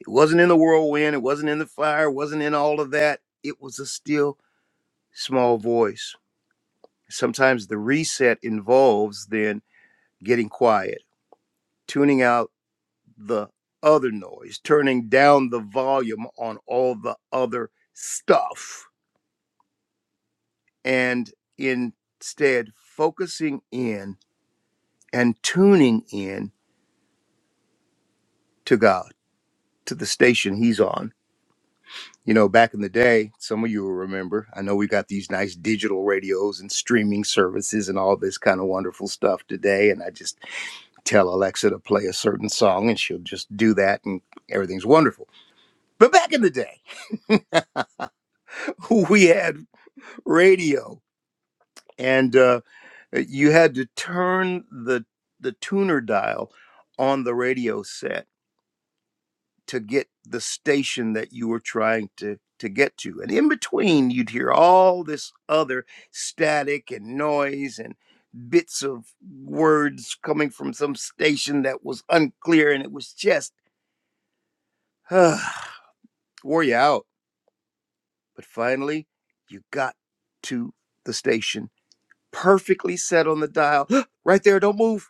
Speaker 5: It wasn't in the whirlwind, it wasn't in the fire, it wasn't in all of that. It was a still small voice. Sometimes the reset involves then getting quiet, tuning out the other noise, turning down the volume on all the other stuff, and instead focusing in and tuning in to God, to the station He's on You know, back in the day, some of you will remember. I know we got these nice digital radios and streaming services and all this kind of wonderful stuff today. And I just tell Alexa to play a certain song and she'll just do that and everything's wonderful. But back in the day, we had radio and uh, you had to turn the, the tuner dial on the radio set to get the station that you were trying to to get to and in between you'd hear all this other static and noise and bits of words coming from some station that was unclear and it was just wore you out but finally you got to the station perfectly set on the dial right there don't move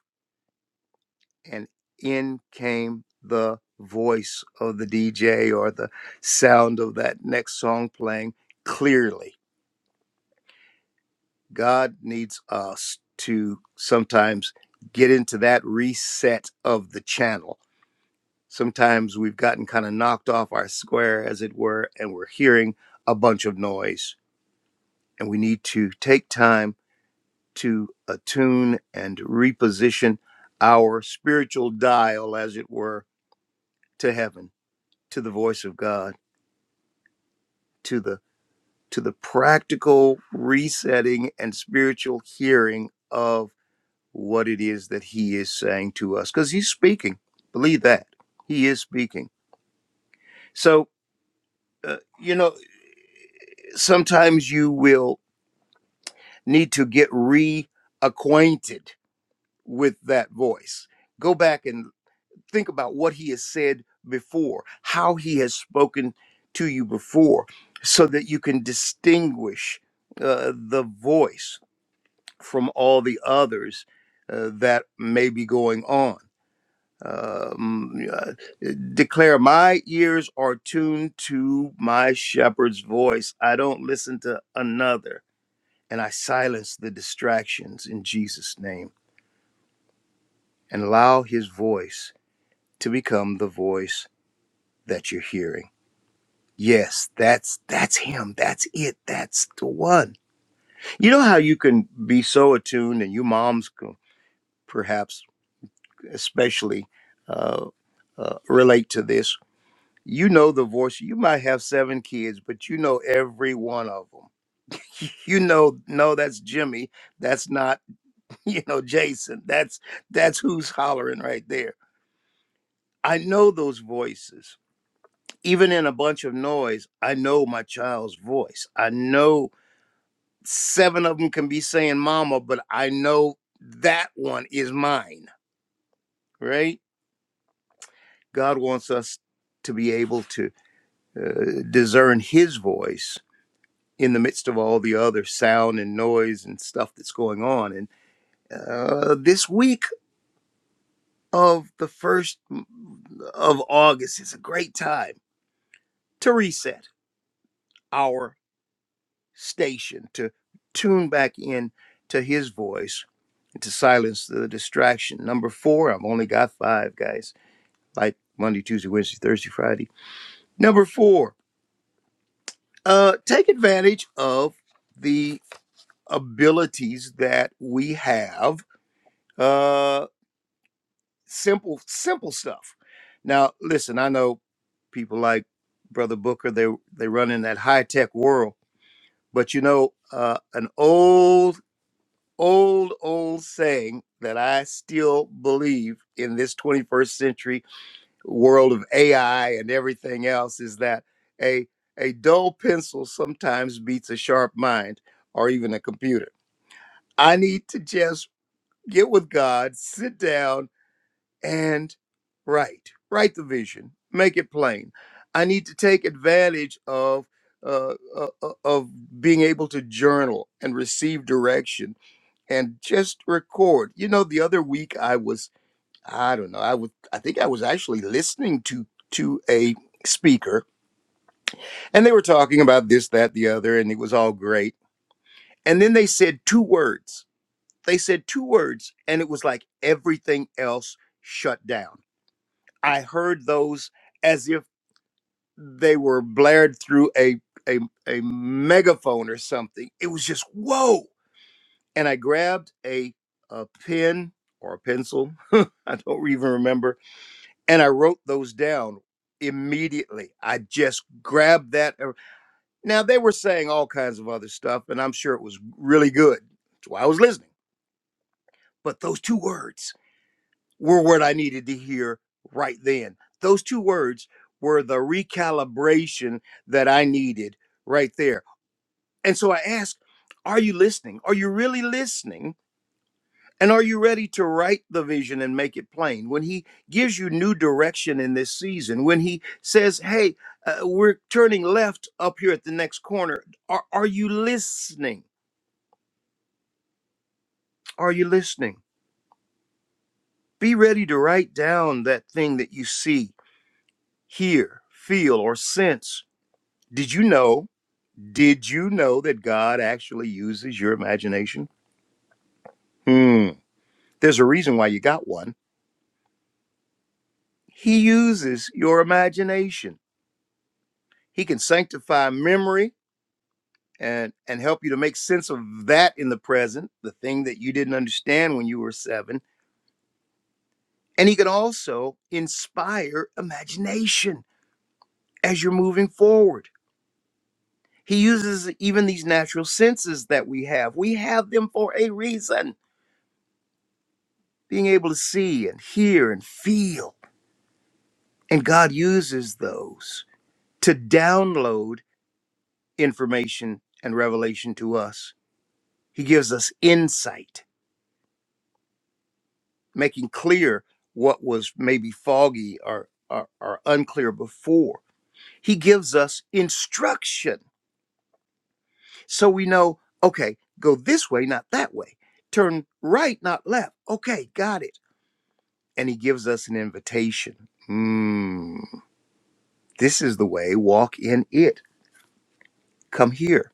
Speaker 5: and in came the voice of the DJ or the sound of that next song playing clearly. God needs us to sometimes get into that reset of the channel. Sometimes we've gotten kind of knocked off our square, as it were, and we're hearing a bunch of noise. And we need to take time to attune and reposition our spiritual dial, as it were, to heaven to the voice of God, to the to the practical resetting and spiritual hearing of what it is that he is saying to us cuz he's speaking. Believe that. He is speaking. So, uh, you know, sometimes you will need to get reacquainted with that voice. Go back and think about what he has said before, how he has spoken to you before, so that you can distinguish uh, the voice from all the others uh, that may be going on. Um, uh, declare, my ears are tuned to my shepherd's voice. I don't listen to another. And I silence the distractions in Jesus' name and allow his voice to become the voice that you're hearing. Yes, that's that's him. That's it. That's the one. You know how you can be so attuned, and you moms can perhaps especially uh, uh, relate to this. You know the voice. You might have seven kids, but you know every one of them. You know, no, that's Jimmy. That's not you know Jason. That's that's who's hollering right there. I know those voices. Even in a bunch of noise, I know my child's voice. I know seven of them can be saying mama, but I know that one is mine, right? God wants us to be able to uh, discern his voice in the midst of all the other sound and noise and stuff that's going on. And uh, this week of the first of August is a great time to reset our station, to tune back in to his voice, and to silence the distraction. Number four, I've only got five, guys like Monday, Tuesday, Wednesday, Thursday, Friday. Number four, uh, take advantage of the abilities that we have. Uh, simple, simple stuff. Now, listen, I know people like Brother Booker. They they run in that high tech world, but you know, uh, an old, old, old saying that I still believe in this 21st century world of AI and everything else is that a a dull pencil sometimes beats a sharp mind or even a computer. I need to just get with God, sit down and write. Write the vision, make it plain. I need to take advantage of uh, uh, uh, of being able to journal and receive direction and just record. You know, the other week I was I don't know. I would. I think I was actually listening to to a speaker, and they were talking about this, that, the other, and it was all great. And then they said two words. They said two words, and it was like everything else shut down. I heard those as if they were blared through a a, a megaphone or something. It was just whoa. And I grabbed a a pen or a pencil. I don't even remember and I wrote those down immediately. I just grabbed that. er- Now they were saying all kinds of other stuff, and I'm sure it was really good. That's why I was listening. But those two words were what I needed to hear right then. Those two words were the recalibration that I needed right there. And so I asked, Are you listening? Are you really listening? And are you ready to write the vision and make it plain? When he gives you new direction in this season, when he says, hey, uh, we're turning left up here at the next corner, are, are you listening? Are you listening? Be ready to write down that thing that you see, hear, feel, or sense. Did you know? Did you know that God actually uses your imagination? Hmm. There's a reason why you got one. He uses your imagination. He can sanctify memory and and help you to make sense of that in the present, the thing that you didn't understand when you were 7. And he can also inspire imagination as you're moving forward. He uses even these natural senses that we have. We have them for a reason, being able to see and hear and feel. And God uses those to download information and revelation to us. He gives us insight making clear what was maybe foggy or, or, or unclear before. He gives us instruction so we know, okay, go this way, not that way. Turn right, not left. Okay, got it. And he gives us an invitation. Mm, this is the way, walk in it. Come here,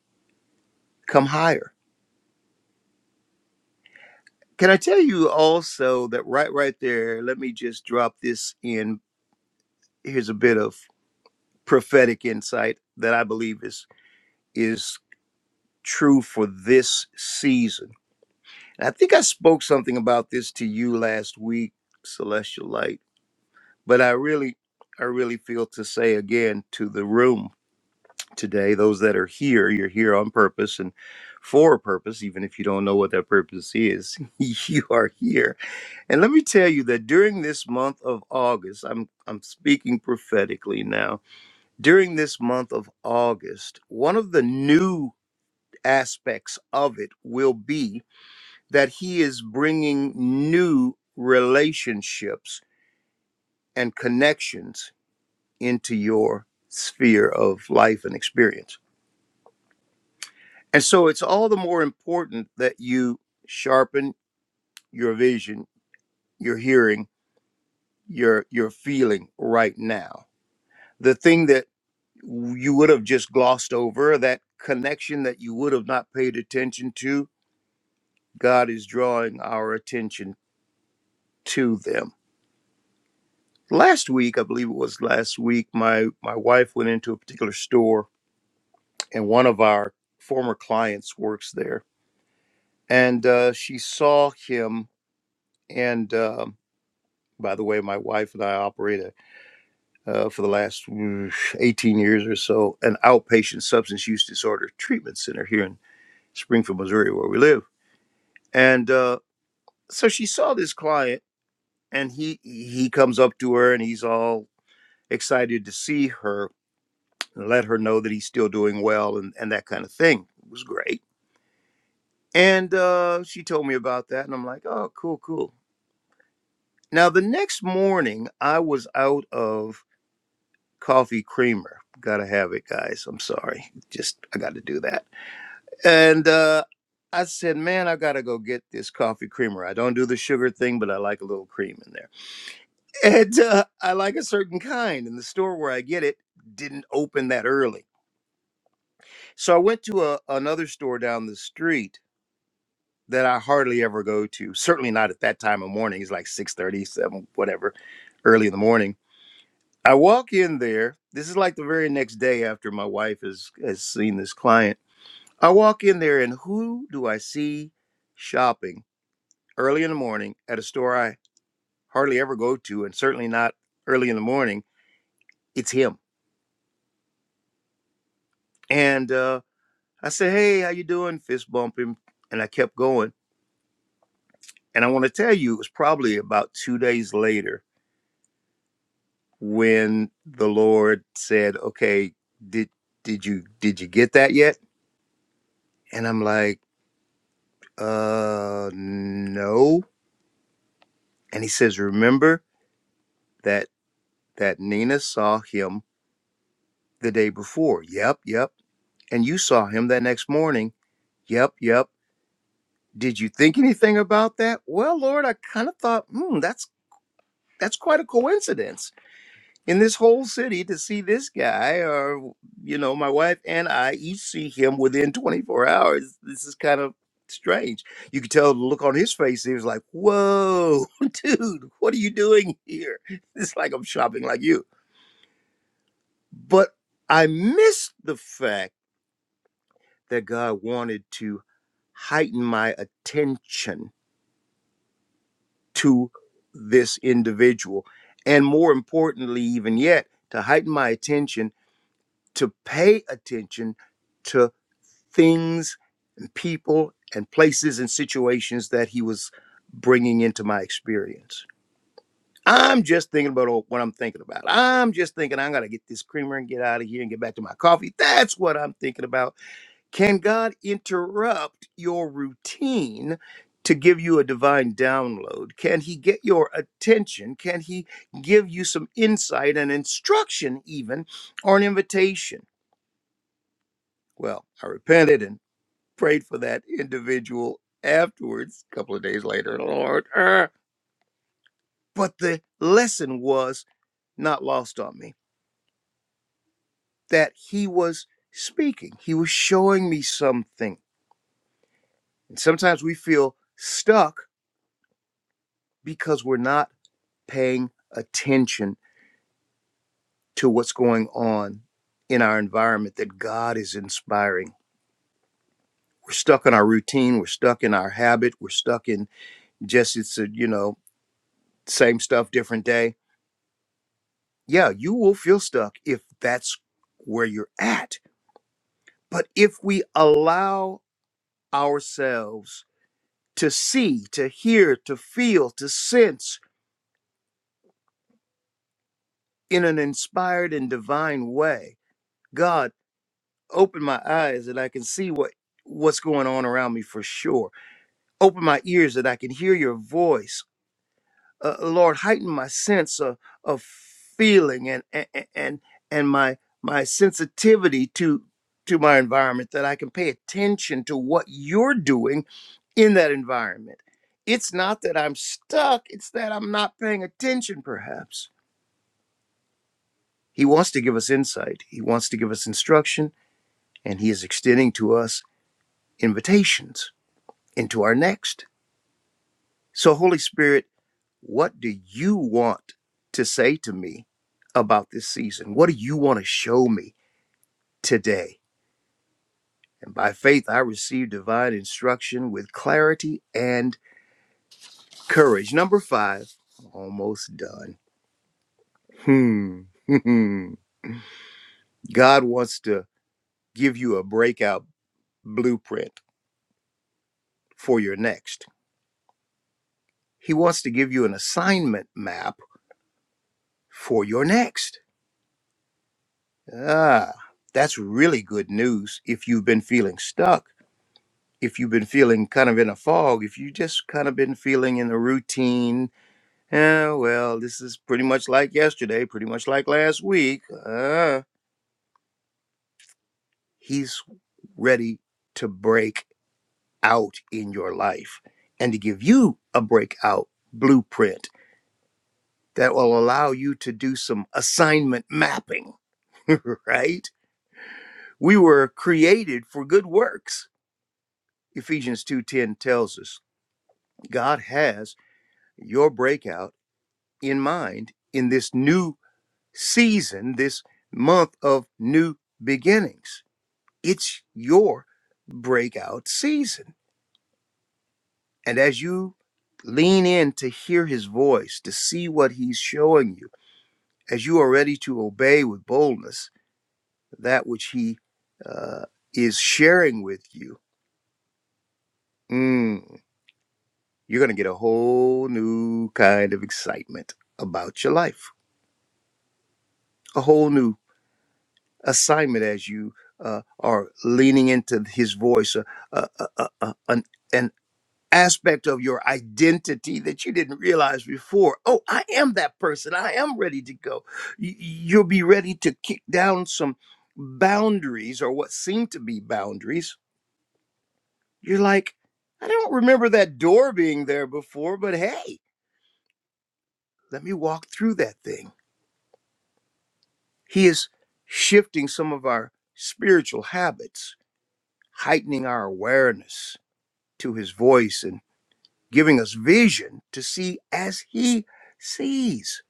Speaker 5: come higher. Can I tell you also that right right there, let me just drop this in. Here's a bit of prophetic insight that I believe is is true for this season. And I think I spoke something about this to you last week, Celestial Light, but I really, I really feel to say again to the room today, those that are here, you're here on purpose and for a purpose, even if you don't know what that purpose is, you are here. And let me tell you that during this month of August, I'm I'm speaking prophetically now. During this month of August, one of the new aspects of it will be that he is bringing new relationships and connections into your sphere of life and experience. And so it's all the more important that you sharpen your vision, your hearing, your your feeling right now. The thing that you would have just glossed over, that connection that you would have not paid attention to, God is drawing our attention to them last week i believe it was last week my my wife went into a particular store and one of our former clients works there and uh, she saw him and um by the way my wife and i operate a, uh, for the last mm, 18 years or so an outpatient substance use disorder treatment center here in springfield missouri where we live and uh, so she saw this client and he he comes up to her and he's all excited to see her and let her know that he's still doing well and, and that kind of thing. It was great. And uh, she told me about that, and I'm like, oh, cool, cool. Now, the next morning, I was out of coffee creamer. Gotta have it, guys. I'm sorry. Just, I gotta do that. And uh, I said, man, I gotta go get this coffee creamer. I don't do the sugar thing, but I like a little cream in there. And uh, I like a certain kind, and the store where I get it didn't open that early. So I went to a, another store down the street that I hardly ever go to. Certainly not at that time of morning. It's like six thirty, seven, whatever, early in the morning. I walk in there. This is like the very next day after my wife has has seen this client. I walk in there and who do I see shopping early in the morning at a store I hardly ever go to and certainly not early in the morning. It's him. And uh I said, "Hey, how you doing?" Fist bump him, and I kept going. And I want to tell you, it was probably about two days later when the Lord said, "Okay, did did you did you get that yet?" And I'm like, "Uh, no." And he says, "Remember that that Nina saw him the day before. Yep, yep. And you saw him that next morning. Yep, yep. Did you think anything about that? Well, Lord, I kind of thought, hmm, that's that's quite a coincidence." in this whole city to see this guy or you know my wife and i each see him within 24 hours this is kind of strange you could tell the look on his face he was like whoa dude what are you doing here it's like i'm shopping like you but i missed the fact that god wanted to heighten my attention to this individual and more importantly even yet to heighten my attention to pay attention to things, people, and places and situations that he was bringing into my experience. I'm just thinking about what I'm thinking about. I'm just thinking I'm going to get this creamer and get out of here and get back to my coffee. That's what I'm thinking about. Can God interrupt your routine to give you a divine download? Can he get your attention? Can he give you some insight and instruction, even, or an invitation? Well, I repented and prayed for that individual afterwards, a couple of days later, Lord. er, But the lesson was not lost on me that he was speaking, he was showing me something. And sometimes we feel stuck because we're not paying attention to what's going on in our environment that God is inspiring. We're stuck in our routine, we're stuck in our habit, we're stuck in just it's a, you know, same stuff, different day yeah, you will feel stuck if that's where you're at. But if we allow ourselves to see, to hear, to feel, to sense in an inspired and divine way, God, open my eyes that I can see what what's going on around me for sure. Open my ears that I can hear your voice. uh, Lord, heighten my sense of, of feeling and and and and my my sensitivity to to my environment that I can pay attention to what you're doing in that environment. It's not that I'm stuck, it's that I'm not paying attention perhaps. He wants to give us insight. He wants to give us instruction and he is extending to us invitations into our next. So Holy Spirit What do you want to say to me about this season? What do you want to show me today? And by faith, I received divine instruction with clarity and courage. Number five, almost done. Hmm. God wants to give you a breakout blueprint for your next. He wants to give you an assignment map for your next. Ah, that's really good news if you've been feeling stuck if you've been feeling kind of in a fog, if you just kind of been feeling in the routine, eh, well, this is pretty much like yesterday, pretty much like last week, uh, he's ready to break out in your life and to give you a breakout blueprint that will allow you to do some assignment mapping, right? We were created for good works. Ephesians 2:10 tells us God has your breakout in mind in this new season, this month of new beginnings. It's your breakout season. And as you lean in to hear his voice, to see what he's showing you, as you are ready to obey with boldness that which he uh, is sharing with you, mm, you're going to get a whole new kind of excitement about your life, a whole new assignment as you uh, are leaning into his voice, uh, uh, uh, uh, uh, an, an aspect of your identity that you didn't realize before. Oh, I am that person. I am ready to go. Y- You'll be ready to kick down some boundaries or what seem to be boundaries. You're like, I don't remember that door being there before, but hey, let me walk through that thing. He is shifting some of our spiritual habits, heightening our awareness to his voice and giving us vision to see as he sees.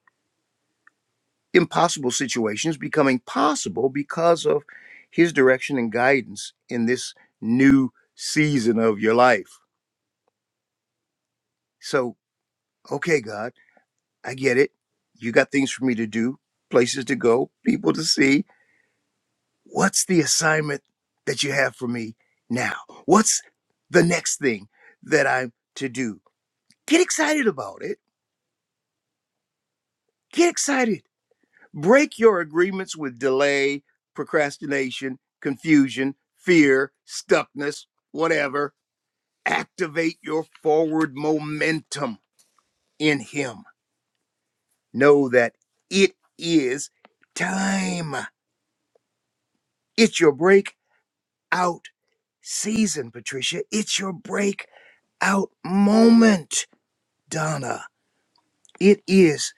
Speaker 5: Impossible situations becoming possible because of his direction and guidance in this new season of your life. So, okay, God, I get it. You got things for me to do, places to go, people to see. What's the assignment that you have for me now? What's the next thing that I'm to do? Get excited about it. Get excited Break your agreements with delay, procrastination, confusion, fear, stuckness, whatever. Activate your forward momentum in Him. Know that it is time. It's your breakout season, Patricia. It's your breakout moment, Donna. It is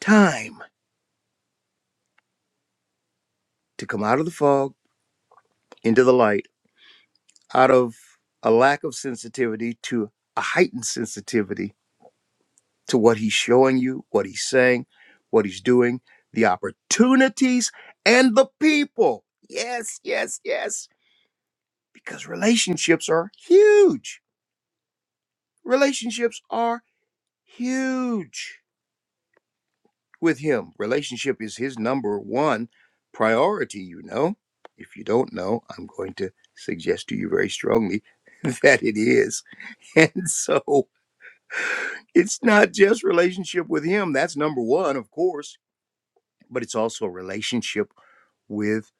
Speaker 5: time to come out of the fog into the light out of a lack of sensitivity to a heightened sensitivity to what he's showing you, what he's saying, what he's doing, the opportunities, and the people. Yes, yes, yes. Because relationships are huge. Relationships are huge with him. Relationship is his number one priority, you know. If you don't know, I'm going to suggest to you very strongly that it is. And so it's not just relationship with him. That's number one, of course, but it's also a relationship with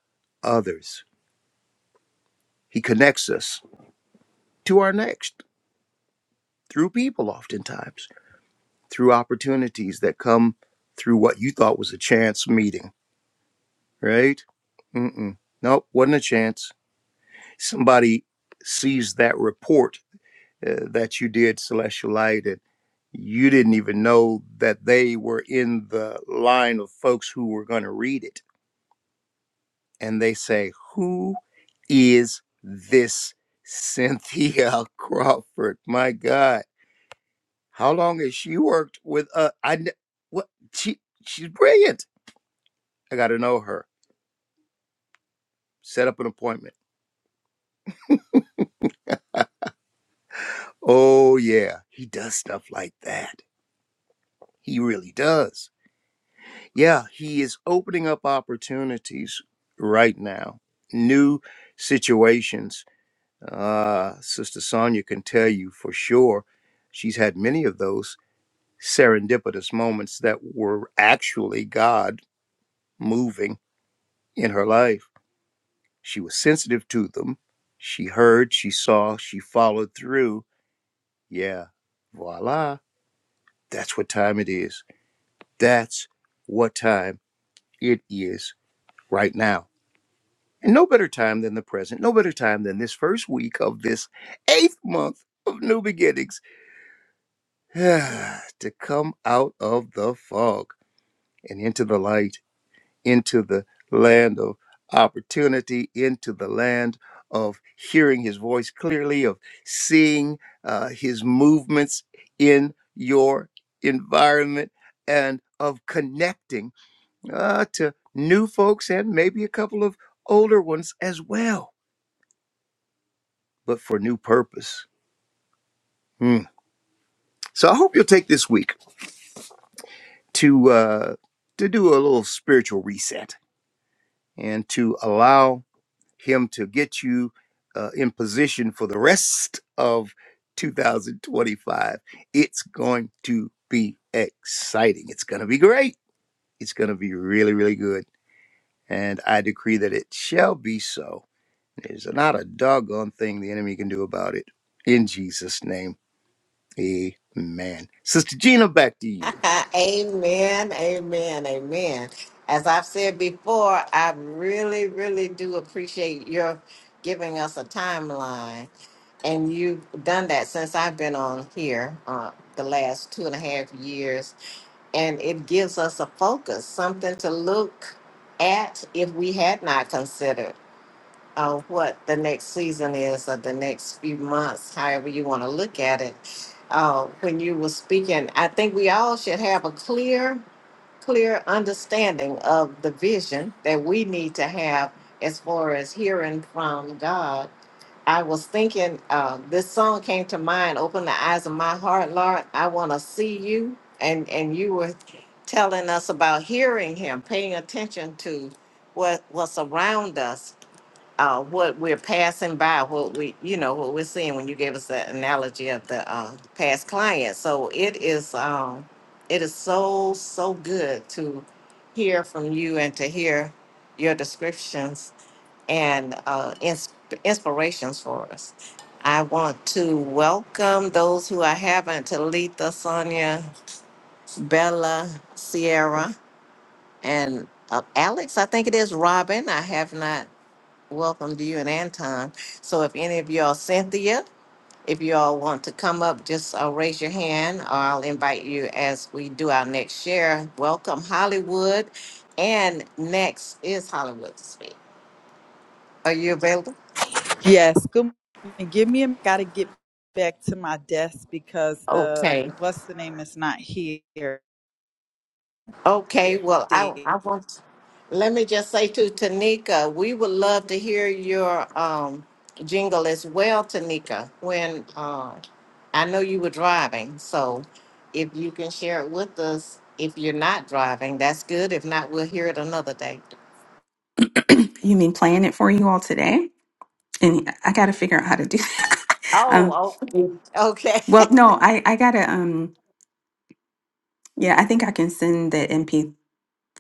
Speaker 5: others. He connects us to our next through people, oftentimes, through opportunities that come through what you thought was a chance meeting, right? Mm-mm. Nope, wasn't a chance. Somebody sees that report uh, that you did, Celestial Light, and you didn't even know that they were in the line of folks who were going to read it and they say, Who is this Cynthia Crawford? My God, how long has she worked with uh I kn- what she she's brilliant. I gotta know her. Set up an appointment. Oh yeah, he does stuff like that. He really does. Yeah, he is opening up opportunities right now. New situations. Uh, Sister Sonia can tell you for sure. She's had many of those serendipitous moments that were actually God moving in her life. She was sensitive to them. She heard, she saw, she followed through. Yeah, voila. That's what time it is. That's what time it is right now. And no better time than the present, no better time than this first week of this eighth month of new beginnings to come out of the fog and into the light into the land of opportunity, into the land of hearing his voice clearly, of seeing uh, his movements in your environment, and of connecting uh, to new folks and maybe a couple of older ones as well, but for new purpose. Hmm. So I hope you'll take this week to uh, to do a little spiritual reset and to allow him to get you uh, in position for the rest of 2025. It's going to be exciting. It's going to be great. It's going to be really, really good. And I decree that it shall be so. There's not a doggone thing the enemy can do about it. In Jesus' name, amen. Sister Gina, back to you.
Speaker 1: amen, amen, amen. As I've said before, I really, really do appreciate your giving us a timeline. And you've done that since I've been on here uh, the last two and a half years. And it gives us a focus, something to look at if we had not considered of what the next season is or the next few months, however you want to look at it. Uh, when you were speaking, I think we all should have a clear, clear understanding of the vision that we need to have as far as hearing from God. I was thinking, uh, this song came to mind, Open the Eyes of My Heart, Lord. I want to see you. And, and you were telling us about hearing Him, paying attention to what, what's around us uh, what we're passing by, what we, you know, what we're seeing when you gave us that analogy of the uh, past client. So it is, um, it is so so good to hear from you and to hear your descriptions and uh, ins- inspirations for us. I want to welcome those who I haven't: Talitha, Sonia, Bella, Sierra, and uh, Alex. I think it is Robin. I have not welcome to you and Anton. So if any of y'all, Cynthia, if y'all want to come up, just uh, raise your hand, or I'll invite you as we do our next share. Welcome, Hollywood, and next is Hollywood to speak. Are you available?
Speaker 6: Yes, good morning. Give me a gotta get back to my desk because the
Speaker 1: Okay.
Speaker 6: what's the name is not here.
Speaker 1: Okay, well, I, I want, let me just say to Tanika, we would love to hear your um, jingle as well, Tanika, when uh, I know you were driving. So if you can share it with us, if you're not driving, that's good. If not, we'll hear it another day.
Speaker 4: You mean playing it for you all today? And I got to figure out how to do that. um,
Speaker 1: Oh, okay. Okay.
Speaker 4: well, no, I, I got to, um, yeah, I think I can send the MP,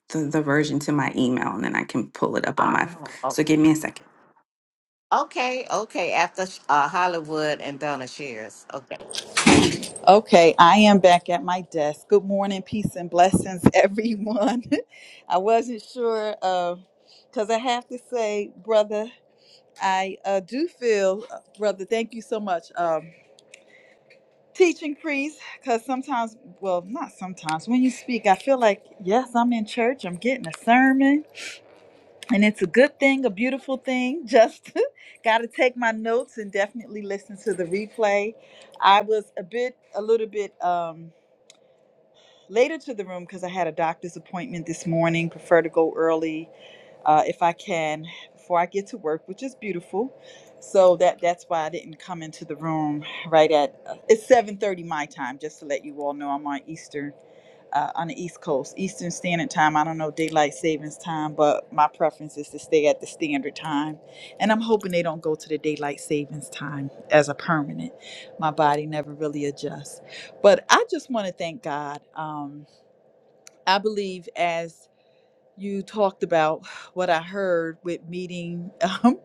Speaker 4: the, the version to my email and then I can pull it up on my,
Speaker 1: Oh,
Speaker 4: so
Speaker 1: okay.
Speaker 4: give me a second.
Speaker 1: Okay, okay. After uh, Hollywood and Donna Shears. Okay.
Speaker 6: Okay, I am back at my desk. Good morning, peace and blessings, everyone. I wasn't sure because I have to say, brother, I uh, do feel, uh, brother. Thank you so much, um, teaching priest. Because sometimes, well, not sometimes, when you speak, I feel like yes, I'm in church. I'm getting a sermon and it's a good thing, a beautiful thing. Just got to take my notes and definitely listen to the replay. I was a bit, a little bit um, later to the room because I had a doctor's appointment this morning. Prefer to go early uh, if I can before I get to work, which is beautiful. So that that's why I didn't come into the room right at uh, it's 7:30 my time. Just to let you all know, I'm on Eastern uh, on the East Coast, Eastern Standard Time. I don't know daylight savings time, but my preference is to stay at the standard time. And I'm hoping they don't go to the daylight savings time as a permanent. My body never really adjusts. But I just want to thank God. Um, I believe as you talked about what I heard with meeting, um,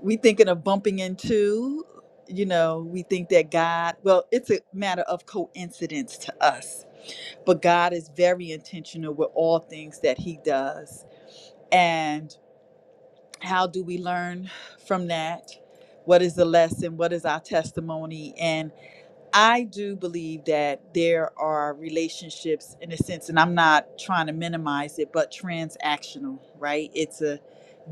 Speaker 6: we thinking of bumping into. You know, we think that God, well, it's a matter of coincidence to us but God is very intentional with all things that He does. And how do we learn from that? What is the lesson? What is our testimony? And. I do believe that there are relationships in a sense, and I'm not trying to minimize it, but transactional, right? It's a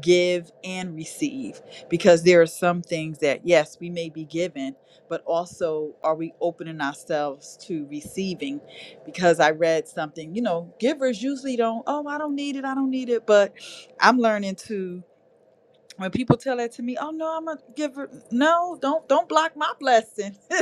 Speaker 6: give and receive because there are some things that, yes, we may be given, but also are we opening ourselves to receiving? Because I read something, you know, givers usually don't, oh, I don't need it, I don't need it, but I'm learning to when people tell that to me, oh no, I'm gonna give her No, don't don't block my blessing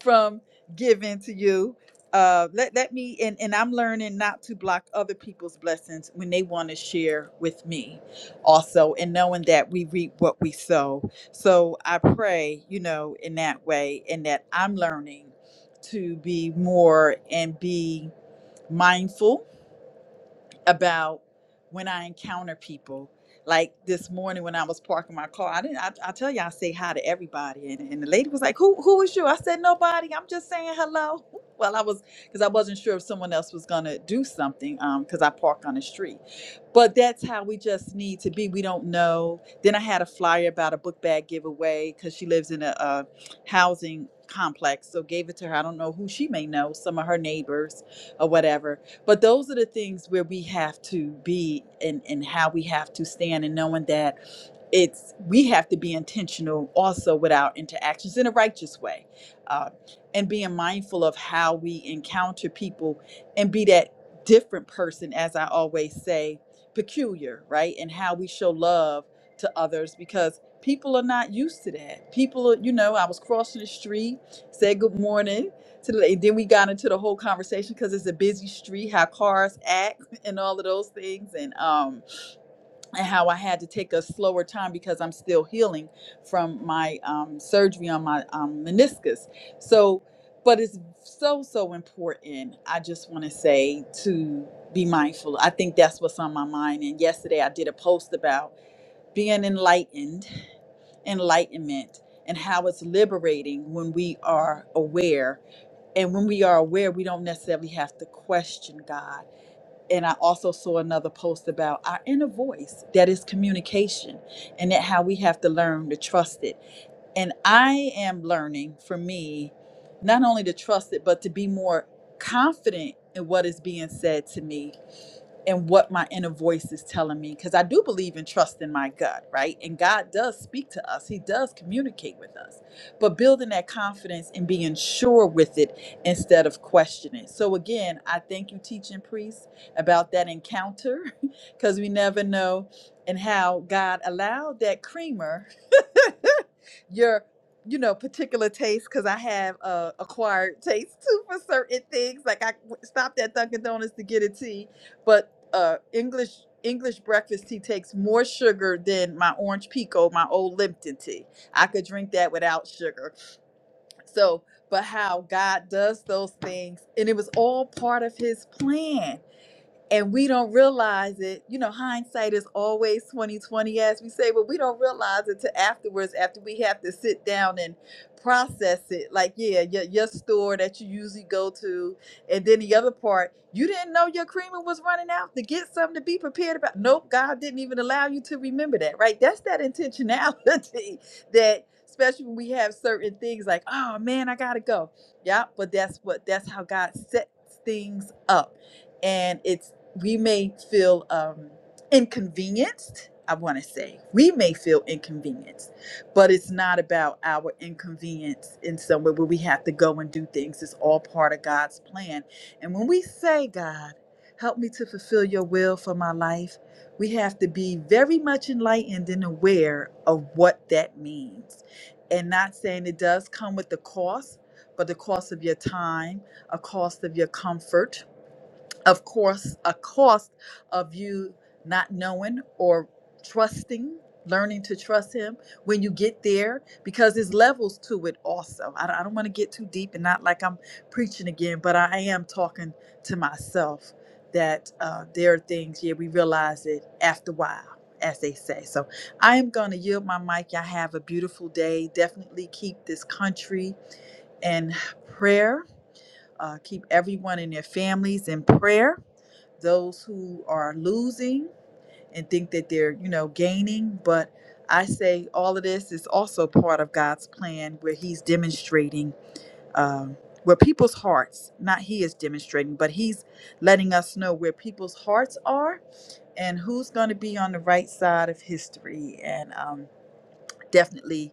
Speaker 6: from giving to you. Uh, let let me and and I'm learning not to block other people's blessings when they want to share with me, also, and knowing that we reap what we sow. So I pray, you know, in that way, and that I'm learning to be more and be mindful about when I encounter people. Like this morning when I was parking my car, I didn't. I, I tell you, I say hi to everybody, and, and the lady was like, "Who who is you?" I said, "Nobody. I'm just saying hello." Well, I was because I wasn't sure if someone else was gonna do something because I park on the street. But that's how we just need to be. We don't know. Then I had a flyer about a book bag giveaway because she lives in a, a housing complex, so gave it to her. I don't know who she may know, some of her neighbors or whatever but those are the things where we have to be and, and how we have to stand and knowing that it's we have to be intentional also with our interactions in a righteous way uh, and being mindful of how we encounter people and be that different person as i always say peculiar right and how we show love to others because people are not used to that people are you know i was crossing the street said good morning to the, and then we got into the whole conversation because it's a busy street, how cars act and all of those things, and um, and how I had to take a slower time because I'm still healing from my um, surgery on my um, meniscus. So, but it's so so important. I just want to say to be mindful. I think that's what's on my mind. And yesterday I did a post about being enlightened, enlightenment, and how it's liberating when we are aware and when we are aware, we don't necessarily have to question God. And I also saw another post about our inner voice that is communication and that how we have to learn to trust it. And I am learning for me not only to trust it, but to be more confident in what is being said to me and what my inner voice is telling me because I do believe in trusting my gut, right? And God does speak to us. He does communicate with us. But building that confidence and being sure with it instead of questioning. So again, I thank you teaching priest about that encounter because we never know and how God allowed that creamer your you know particular taste because i have uh, acquired taste too for certain things like i w- stopped at dunkin donuts to get a tea but uh English English breakfast tea takes more sugar than my orange pico, my old Lipton tea. I could drink that without sugar. So, but how God does those things and it was all part of his plan and we don't realize it. You know, hindsight is always twenty twenty, as we say, but we don't realize it till afterwards, after we have to sit down and process it. Like, yeah, your, your store that you usually go to, and then the other part, you didn't know your creamer was running out. To get something to be prepared about, nope, God didn't even allow you to remember that. Right? That's that intentionality that. Especially when we have certain things like, oh man, I gotta go. Yeah, but that's what that's how God sets things up and it's we may feel um, inconvenienced. I want to say we may feel inconvenienced, but it's not about our inconvenience in somewhere where we have to go and do things. It's all part of God's plan. And when we say, God, help me to fulfill your will for my life, we have to be very much enlightened and aware of what that means. And not saying it does come with the cost, but the cost of your time, a cost of your comfort, of course, a cost of you not knowing or trusting, learning to trust Him when you get there, because there's levels to it also. I don't, I don't want to get too deep and not like I'm preaching again, but I am talking to myself that uh, there are things, yeah, we realize it after a while. As they say. So I am going to yield my mic. Y'all have a beautiful day. Definitely keep this country in prayer. Uh, keep everyone and their families in prayer those who are losing and think that they're, you know, gaining. But I say all of this is also part of God's plan where He's demonstrating um, where people's hearts, not He is demonstrating, but He's letting us know where people's hearts are and who's going to be on the right side of history. And um, definitely.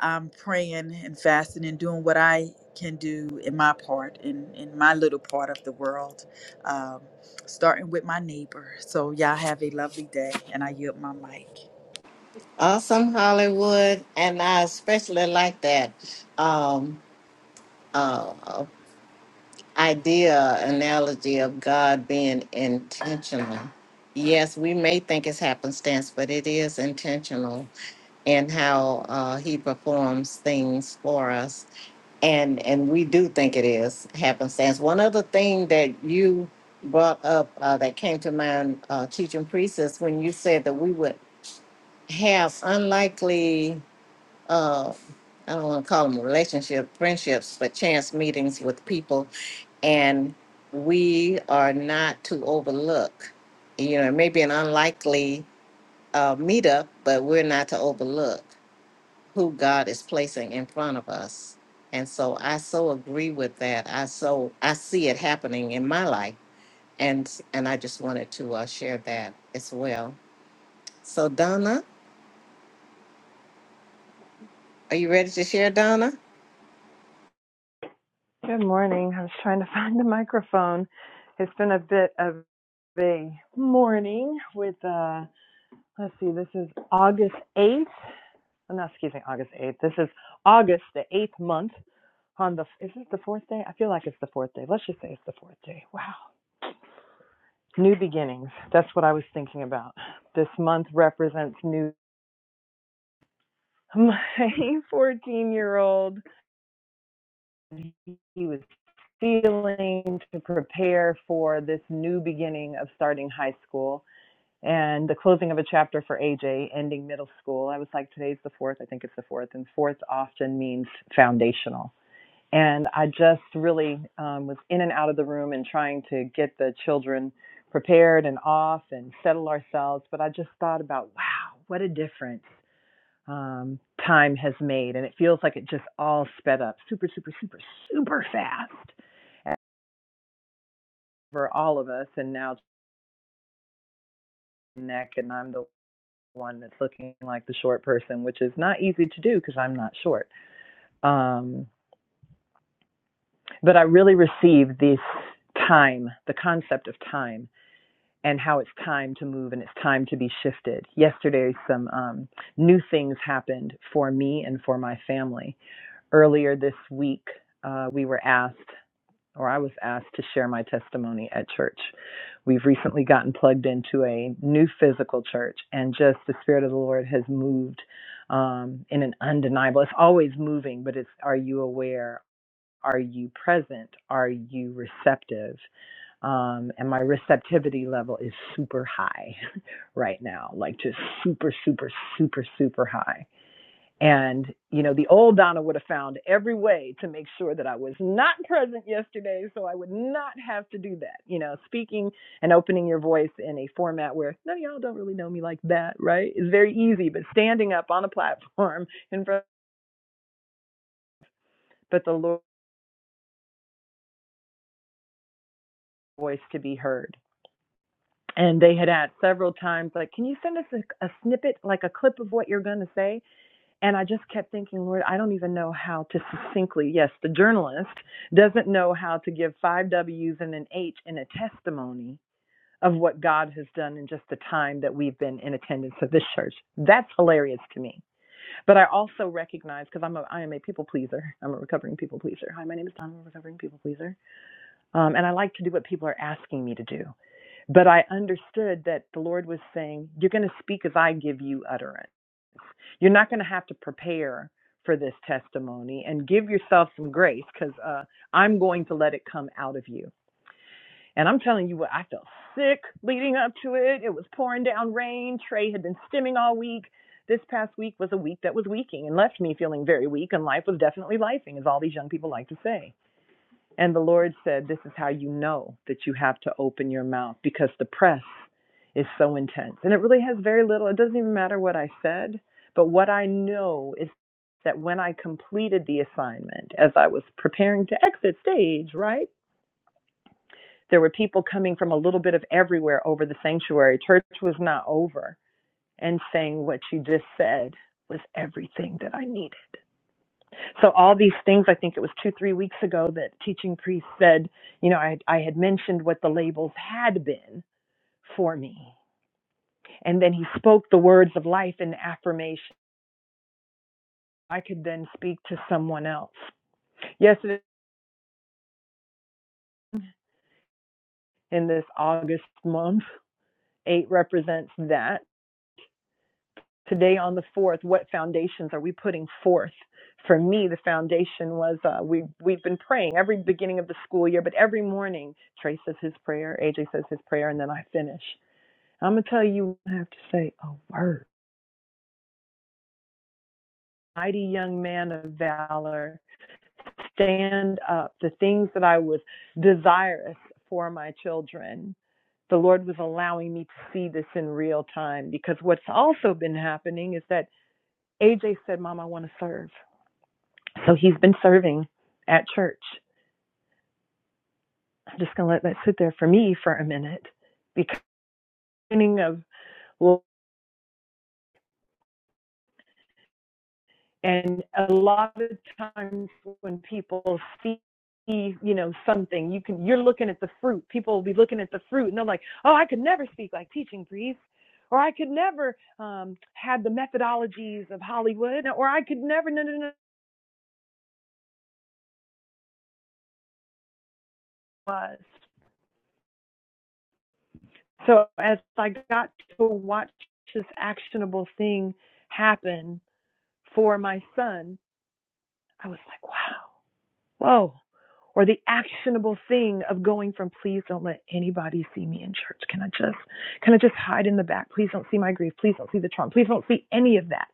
Speaker 6: I'm praying and fasting and doing what I can do in my part, in, in my little part of the world, um, starting with my neighbor. So, y'all have a lovely day, and I yield my mic.
Speaker 1: Awesome, Hollywood. And I especially like that. Um, uh, uh, idea, analogy of God being intentional. Yes, we may think it's happenstance, but it is intentional in how uh, He performs things for us, and and we do think it is happenstance. One other thing that you brought up uh, that came to mind, uh, teaching priest, is when you said that we would have unlikely. Uh, I don't want to call them relationship, friendships, but chance meetings with people and we are not to overlook. You know, it may be an unlikely uh, meetup, but we're not to overlook who God is placing in front of us. And so I so agree with that. I so I see it happening in my life, and and I just wanted to uh, share that as well. So Donna, are you ready to share, Donna?
Speaker 7: Good morning. I was trying to find the microphone. It's been a bit of a morning with uh let's see, this is August eighth. Oh, no, excuse me, August eighth. This is August, the eighth month on the is this the fourth day? I feel like it's the fourth day. Let's just say it's the fourth day. Wow. New beginnings. That's what I was thinking about. This month represents new my 14 year old. He was. feeling to prepare for this new beginning of starting high school and the closing of a chapter for AJ, ending middle school. I was like, today's the fourth, I think it's the fourth, and fourth often means foundational. And I just really um, was in and out of the room and trying to get the children prepared and off and settle ourselves. But I just thought about, wow, what a difference um, time has made. And it feels like it just all sped up super, super, super, super fast for all of us and now neck and I'm the one that's looking like the short person, which is not easy to do because I'm not short. Um, but I really received this time, the concept of time and how it's time to move and it's time to be shifted. Yesterday, some um, new things happened for me and for my family. Earlier this week, uh, we were asked or I was asked to share my testimony at church. We've recently gotten plugged into a new physical church, and just the Spirit of the Lord has moved um, in an undeniable. It's always moving, but it's are you aware? Are you present? Are you receptive? Um, and my receptivity level is super high right now, like just super, super, super, super high and, you know, the old Donna would have found every way to make sure that I was not present yesterday, so I would not have to do that. You know, speaking and opening your voice in a format where, no, y'all don't really know me like that, right? Is very easy, but standing up on a platform in front, but the Lord's voice to be heard. And they had asked several times, like, can you send us a, a snippet, like a clip of what you're going to say? And I just kept thinking, Lord, I don't even know how to succinctly, yes, the journalist doesn't know how to give five W's and an H in a testimony of what God has done in just the time that we've been in attendance of this church. That's hilarious to me. But I also recognize, because I'm a, I am a people pleaser. I'm a recovering people pleaser. Hi, my name is Donna, I'm a recovering people pleaser. Um, and I like to do what people are asking me to do. But I understood that the Lord was saying, you're going to speak as I give you utterance. You're not going to have to prepare for this testimony and give yourself some grace because uh, I'm going to let it come out of you. And I'm telling you what, I felt sick leading up to it. It was pouring down rain. Trey had been stimming all week. This past week was a week that was weaking and left me feeling very weak, and life was definitely lifing, as all these young people like to say. And the Lord said, This is how you know that you have to open your mouth because the press is so intense. And it really has very little, it doesn't even matter what I said, but what I know is that when I completed the assignment, as I was preparing to exit stage, right? There were people coming from a little bit of everywhere over the sanctuary. Church was not over and saying what you just said was everything that I needed so all these things i think it was two three weeks ago that teaching priest said you know i, I had mentioned what the labels had been for me and then he spoke the words of life and affirmation i could then speak to someone else yesterday in this august month eight represents that today on the fourth what foundations are we putting forth for me the foundation was uh, we we've been praying every beginning of the school year but every morning Trey says his prayer AJ says his prayer and then I finish I'm gonna tell you, I have to say a word. Mighty young man of valor, stand up. The things that I was desirous for my children, the Lord was allowing me to see this in real time because what's also been happening is that AJ said, Mom, I want to serve. So he's been serving at church. I'm just gonna let that sit there for me for a minute. beginning of And a lot of times when people see, you know, something, you can you're looking at the fruit. People will be looking at the fruit, and they're like, "Oh, I could never speak like Teaching Priest." Or I could never um, have the methodologies of Hollywood, or I could never, no, no, no, So as I got to watch this actionable thing happen for my son, I was like, wow, Whoa. Or the actionable thing of going from please don't let anybody see me in church. Can I just can I just hide in the back? Please don't see my grief. Please don't see the trauma. Please don't see any of that.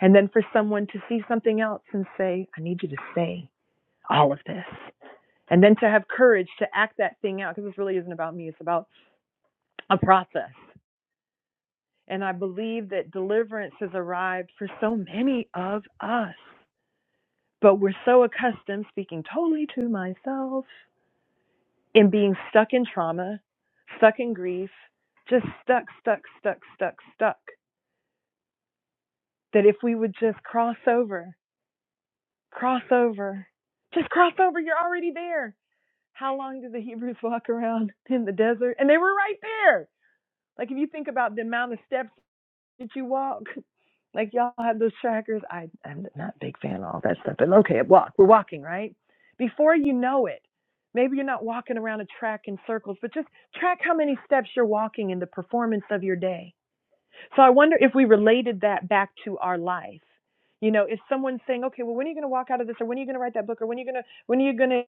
Speaker 7: And then for someone to see something else and say, I need you to say all of this. And then to have courage to act that thing out, because this really isn't about me, it's about a process. And I believe that deliverance has arrived for so many of us. But we're so accustomed, speaking totally to myself, In being stuck in trauma, stuck in grief, just stuck, stuck, stuck, stuck, stuck. That if we would just cross over, cross over, just cross over, you're already there. How long did the Hebrews walk around in the desert? And they were right there. Like if you think about the amount of steps that you walk, Like y'all have those trackers. I, I'm not a big fan of all that stuff. But okay, walk. We're walking, right? Before you know it, maybe you're not walking around a track in circles, but just track how many steps you're walking in the performance of your day. So I wonder if we related that back to our life. You know, if someone's saying, okay, well, when are you going to walk out of this, or when are you going to write that book, or when are you going to, when are you going to,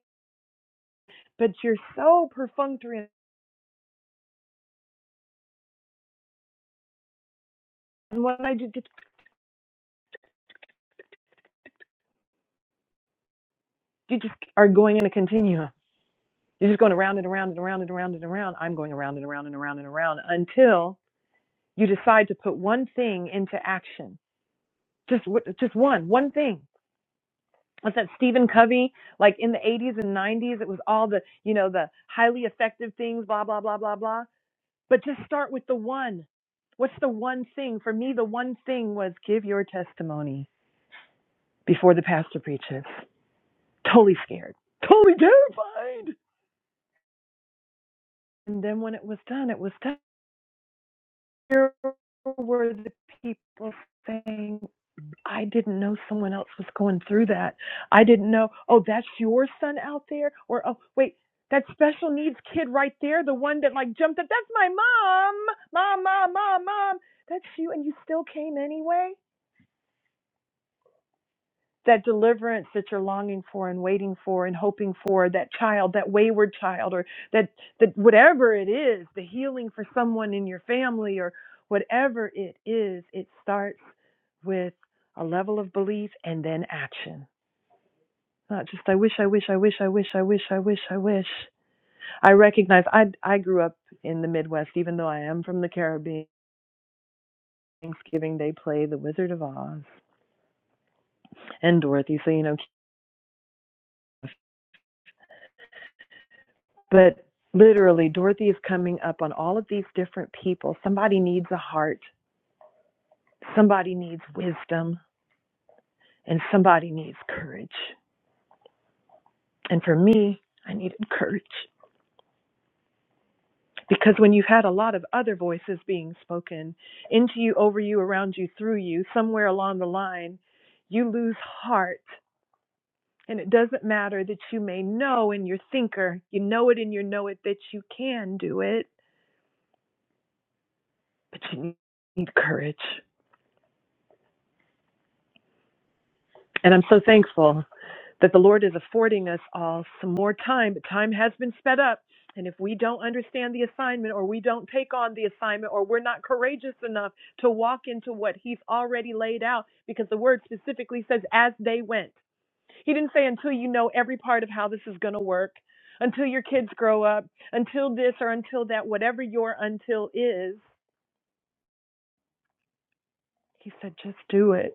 Speaker 7: but you're so perfunctory, and when I do, you just are going in a continuum. You're just going around and around and around and around and around. I'm going around and around and around and around until you decide to put one thing into action just just one one thing What's that Stephen Covey, like in the 80s and 90s, it was all the, you know, the highly effective things, blah, blah, blah, blah, blah. But just start with the one. What's the one thing? For me, the one thing was give your testimony before the pastor preaches. Totally scared, totally terrified. And then when it was done, it was done. Here were the people saying, I didn't know someone else was going through that. I didn't know, oh, that's your son out there? Or, oh, wait, that special needs kid right there, the one that like jumped up, that's my mom, mom, mom, mom, mom. That's you, and you still came anyway? That deliverance that you're longing for and waiting for and hoping for, that child, that wayward child, or that, that whatever it is, the healing for someone in your family, or whatever it is, it starts with a level of belief and then action Not just I wish, I wish, I wish, I wish, I wish, I wish, I wish. I recognize I I grew up in the Midwest, even though I am from the Caribbean. Thanksgiving Day play The Wizard of Oz and Dorothy, so you know. But literally, Dorothy is coming up on all of these different people. Somebody needs a heart, somebody needs wisdom, and somebody needs courage. And for me, I needed courage. Because when you've had a lot of other voices being spoken into you, over you, around you, through you, somewhere along the line, you lose heart. And it doesn't matter that you may know in your thinker, you know it in your know it that you can do it, but you need courage. And I'm so thankful. that the Lord is affording us all some more time. Time has been sped up. And if we don't understand the assignment or we don't take on the assignment or we're not courageous enough to walk into what he's already laid out, because the word specifically says, as they went. He didn't say until you know every part of how this is going to work, until your kids grow up, until this or until that, whatever your until is. He said, just do it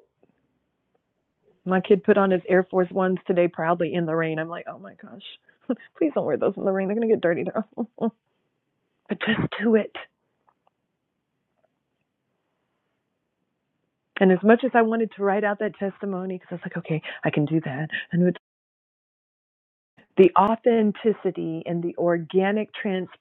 Speaker 7: My kid put on his Air Force Ones today proudly in the rain. I'm like, oh my gosh, please don't wear those in the rain. They're going to get dirty. but just do it. And as much as I wanted to write out that testimony, because I was like, okay, I can do that. And it's the authenticity and the organic transparency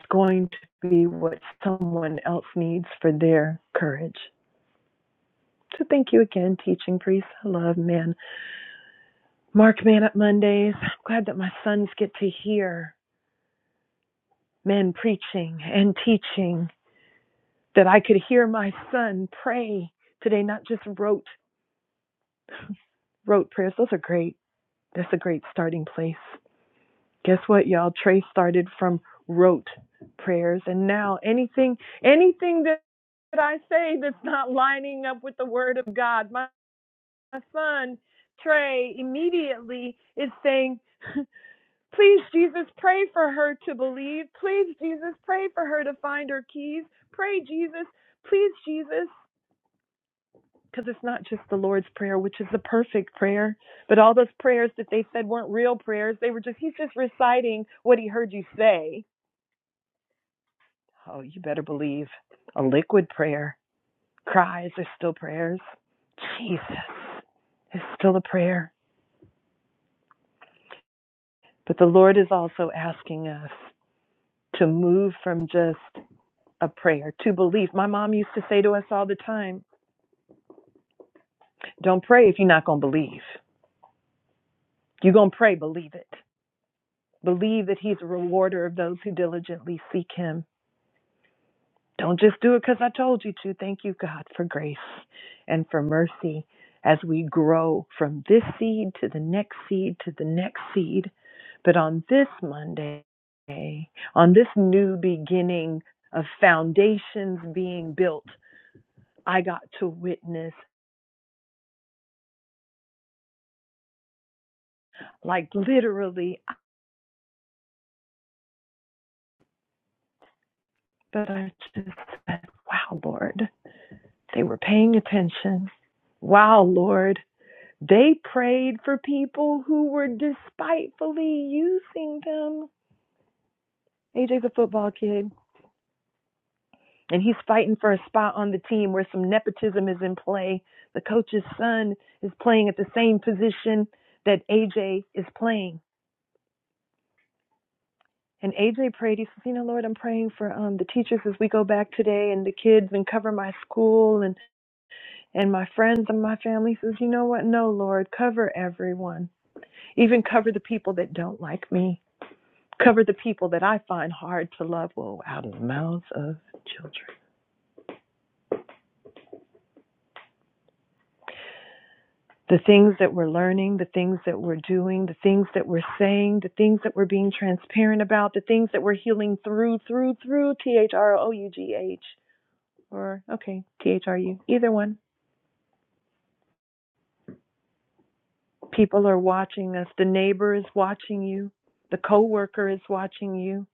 Speaker 7: is going to be what someone else needs for their courage. So thank you again, teaching priest. I love men. Mark Man Up Mondays. I'm glad that my sons get to hear men preaching and teaching that I could hear my son pray today, not just wrote wrote prayers. Those are great. That's a great starting place. Guess what, y'all? Trey started from rote prayers, and now anything anything that I say that's not lining up with the Word of God, my son Trey immediately is saying. Please, Jesus, pray for her to believe. Please, Jesus, pray for her to find her keys. Pray, Jesus. Please, Jesus. because it's not just the Lord's Prayer, which is the perfect prayer, but all those prayers that they said weren't real prayers. They were just, he's just reciting what he heard you say. Oh, you better believe a liquid prayer. Cries are still prayers. Jesus is still a prayer. But the Lord is also asking us to move from just a prayer to belief. My mom used to say to us all the time, don't pray if you're not going to believe. You're going to pray, believe it. Believe that He's a rewarder of those who diligently seek Him. Don't just do it because I told you to. Thank you, God, for grace and for mercy as we grow from this seed to the next seed to the next seed. But on this Monday, on this new beginning of foundations being built, I got to witness, like literally, but I just said, wow, Lord, they were paying attention. Wow, Lord. They prayed for people who were despitefully using them. AJ's a football kid, and he's fighting for a spot on the team where some nepotism is in play. The coach's son is playing at the same position that AJ is playing. And AJ prayed, he says, You know, Lord, I'm praying for um, the teachers as we go back today and the kids and cover my school and, and my friends and my family. He says, You know what? No, Lord, cover everyone, even cover the people that don't like me. Cover the people that I find hard to love, woe, out of the mouths of children. The things that we're learning, the things that we're doing, the things that we're saying, the things that we're being transparent about, the things that we're healing through, through, through, T H R O U G H, or, okay, T H R U, either one. People are watching us. The neighbor is watching you. The coworker is watching you.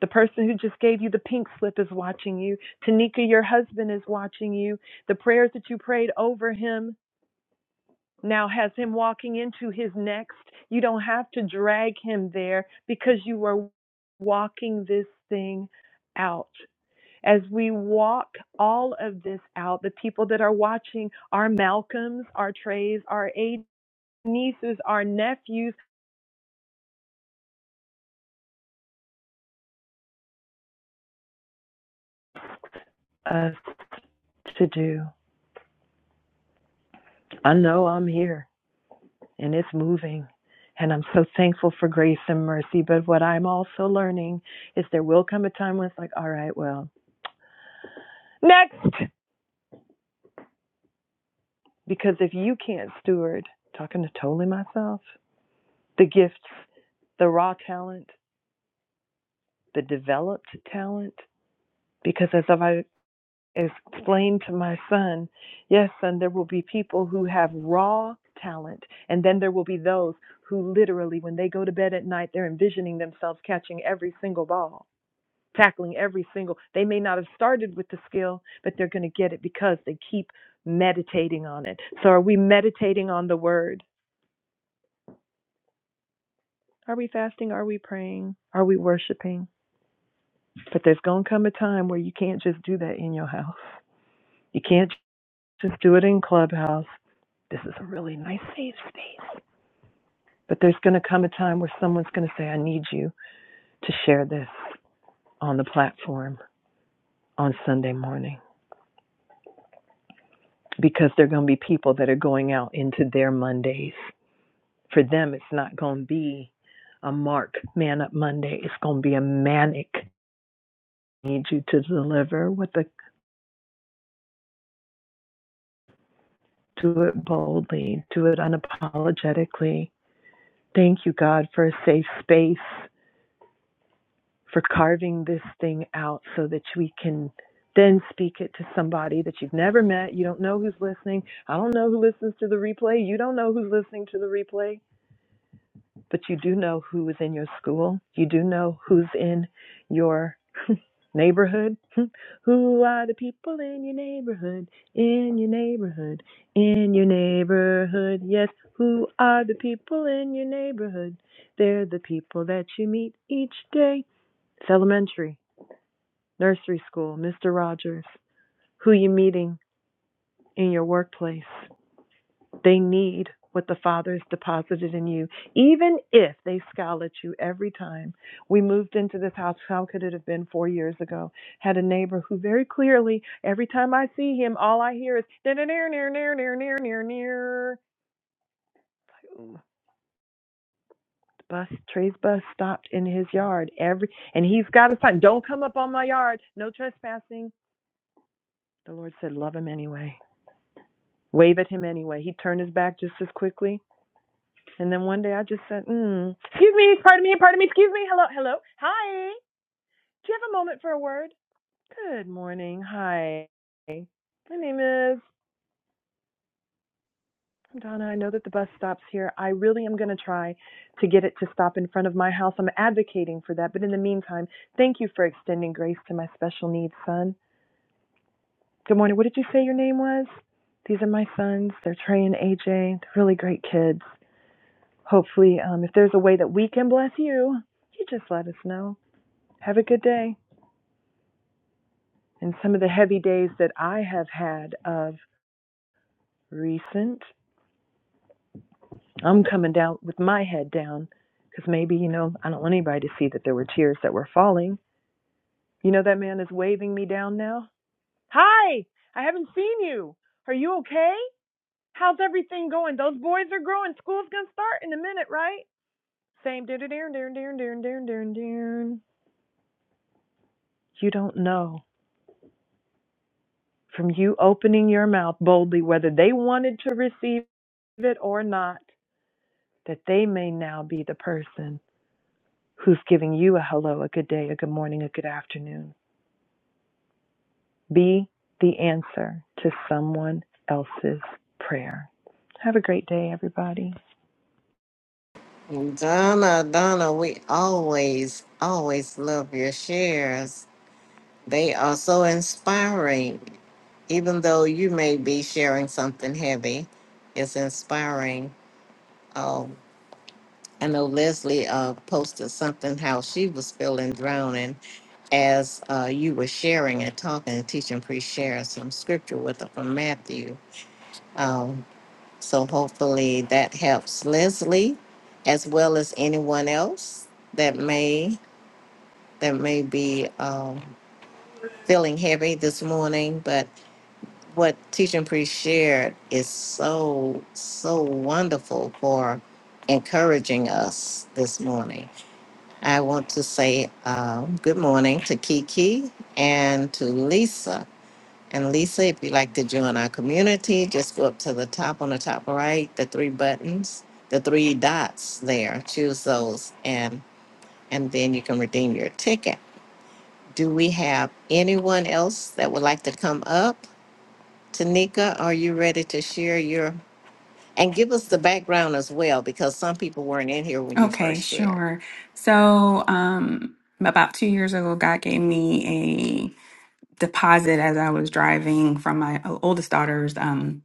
Speaker 7: The person who just gave you the pink slip is watching you. Tanika, your husband, is watching you. The prayers that you prayed over him now has him walking into his next. You don't have to drag him there because you are walking this thing out. As we walk all of this out, the people that are watching, our Malcolms, our Treys, our eight nieces, our nephews, us to do. I know I'm here and it's moving. And I'm so thankful for grace and mercy. But what I'm also learning is there will come a time when it's like, all right, well, next. Because if you can't steward, talking to totally myself, the gifts, the raw talent, the developed talent, because as I've explained to my son, yes, son, there will be people who have raw talent, and then there will be those who literally, when they go to bed at night, they're envisioning themselves catching every single ball, tackling every single. They may not have started with the skill, but they're going to get it because they keep meditating on it. So, are we meditating on the word? Are we fasting? Are we praying? Are we worshiping? But there's going to come a time where you can't just do that in your house. You can't just do it in Clubhouse. This is a really nice safe space. But there's going to come a time where someone's going to say, I need you to share this on the platform on Sunday morning because there are going to be people that are going out into their Mondays. For them, it's not going to be a Mark Man Up Monday. It's going to be a manic. Need you to deliver what the do it boldly, do it unapologetically. Thank you, God, for a safe space, for carving this thing out so that we can then speak it to somebody that you've never met. You don't know who's listening. I don't know who listens to the replay. You don't know who's listening to the replay. but you do know who is in your school. You do know who's in your neighborhood. who are the people in your neighborhood? In your neighborhood. In your neighborhood. Yes, who are the people in your neighborhood? They're the people that you meet each day. It's elementary, nursery school, Mr. Rogers. Who you meeting in your workplace? They need what the Father has deposited in you, even if they scowl at you every time. We moved into this house, how could it have been four years ago? Had a neighbor who very clearly, every time I see him, all I hear is near, near, near, near, near, near, near, near. Bus, Trey's bus stopped in his yard every, and he's got a sign: "Don't come up on my yard, no trespassing." The Lord said, "Love him anyway. Wave at him anyway." He turned his back just as quickly And then one day I just said, mm, excuse me, pardon me, pardon me, excuse me, hello, hello, hi. Do you have a moment for a word? Good morning, hi. My name is Donna. I know that the bus stops here. I really am going to try to get it to stop in front of my house. I'm advocating for that. But in the meantime, thank you for extending grace to my special needs son. Good morning. What did you say your name was? These are my sons. They're Trey and AJ. They're really great kids. Hopefully, um, if there's a way that we can bless you, you just let us know. Have a good day. And some of the heavy days that I have had of recent, I'm coming down with my head down because maybe, you know, I don't want anybody to see that there were tears that were falling. You know, that man is waving me down now. Hi, I haven't seen you. Are you okay? How's everything going? Those boys are growing. School's going to start in a minute, right? Same. You don't know from you opening your mouth boldly whether they wanted to receive it or not that they may now be the person who's giving you a hello, a good day, a good morning, a good afternoon. Be the answer to someone else's prayer. Have a great day, everybody.
Speaker 1: Donna, Donna, we always always love your shares. They are so inspiring. even though you may be sharing something heavy, it's inspiring. Um, I know Leslie uh, posted something how she was feeling drowning as uh, you were sharing and talking and teaching, pre sharing some scripture with her from Matthew. Um, so hopefully that helps Leslie as well as anyone else that may that may be um, feeling heavy this morning. But what teaching priest shared is so so wonderful for encouraging us this morning i want to say um, good morning to kiki and to lisa and lisa if you'd like to join our community just go up to the top on the top right the three buttons the three dots there choose those and and then you can redeem your ticket do we have anyone else that would like to come up Tanika, are you ready to share your and give us the background as well? Because some people weren't in here when you
Speaker 4: Okay,
Speaker 1: first shared.
Speaker 4: sure. So, um, about two years ago, God gave me a deposit as I was driving from my oldest daughter's. um,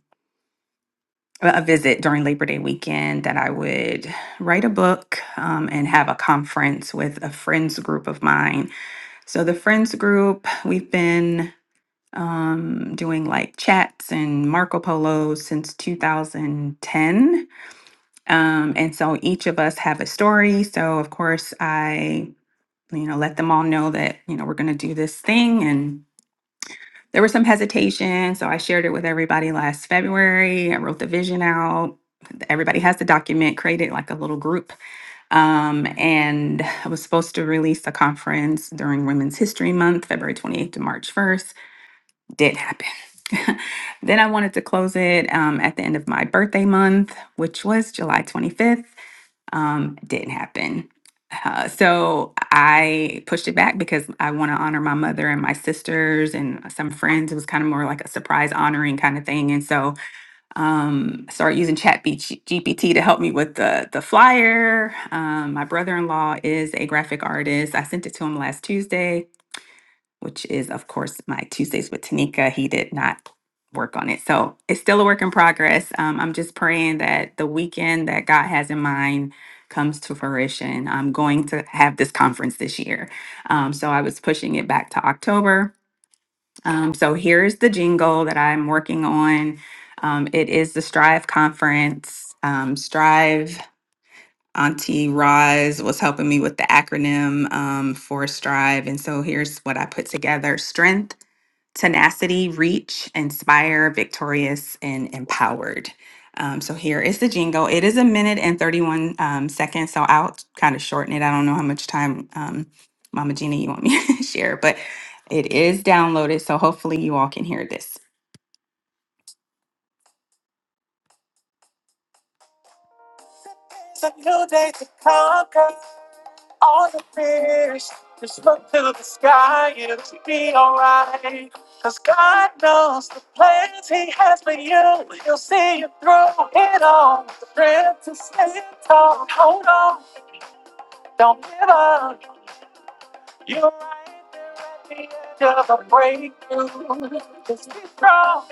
Speaker 4: a visit during Labor Day weekend that I would write a book um, and have a conference with a friends group of mine. So, the friends group, we've been um, doing like chats and Marco Polo since 2010. Um, and so, each of us have a story. So, of course, I you know let them all know that you know we're going to do this thing and there was some hesitation. So I shared it with everybody last February. I wrote the vision out. Everybody has the document, created like a little group. Um, and I was supposed to release the conference during Women's History Month, February 28th to March 1st. Did happen. then I wanted to close it um, at the end of my birthday month, which was July 25th um, didn't happen. Uh, so I pushed it back because I want to honor my mother and my sisters and some friends. It was kind of more like a surprise honoring kind of thing. And so um, I started using Chat GPT to help me with the the flyer. Um, my brother in law is a graphic artist. I sent it to him last Tuesday which is, of course, my Tuesdays with Tanika. He did not work on it. So it's still a work in progress. Um, I'm just praying that the weekend that God has in mind comes to fruition. I'm going to have this conference this year. Um, so I was pushing it back to October. Um, so here's the jingle that I'm working on. Um, it is the Strive Conference. Um, Strive Auntie Roz was helping me with the acronym um, for Strive. And so here's what I put together Strength tenacity, reach, inspire, victorious, and empowered. Um, so here is the jingle. It is a minute and 31 um, seconds, so I'll kind of shorten it. I don't know how much time, um, Mama Gina, you want me to share, but it is downloaded, so hopefully you all can hear this. It's a new day to conquer. all the fears. Just look to the sky, it'll be alright. Cause God knows the plans He has for you. He'll see you through it all. The strength to stand tall. Hold on, don't give up. You're right there at the edge of a breakthrough. Just be strong.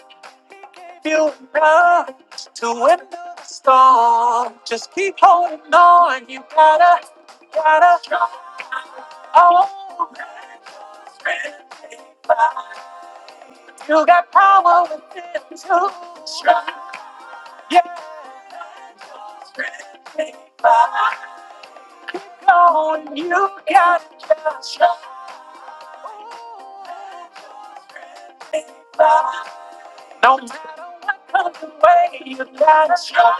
Speaker 4: He gave you enough to endure the storm. Just keep holding on. You gotta, gotta. try. Oh. You got power within you. Yeah. Come on, you got just No matter what comes your way, you gotta show.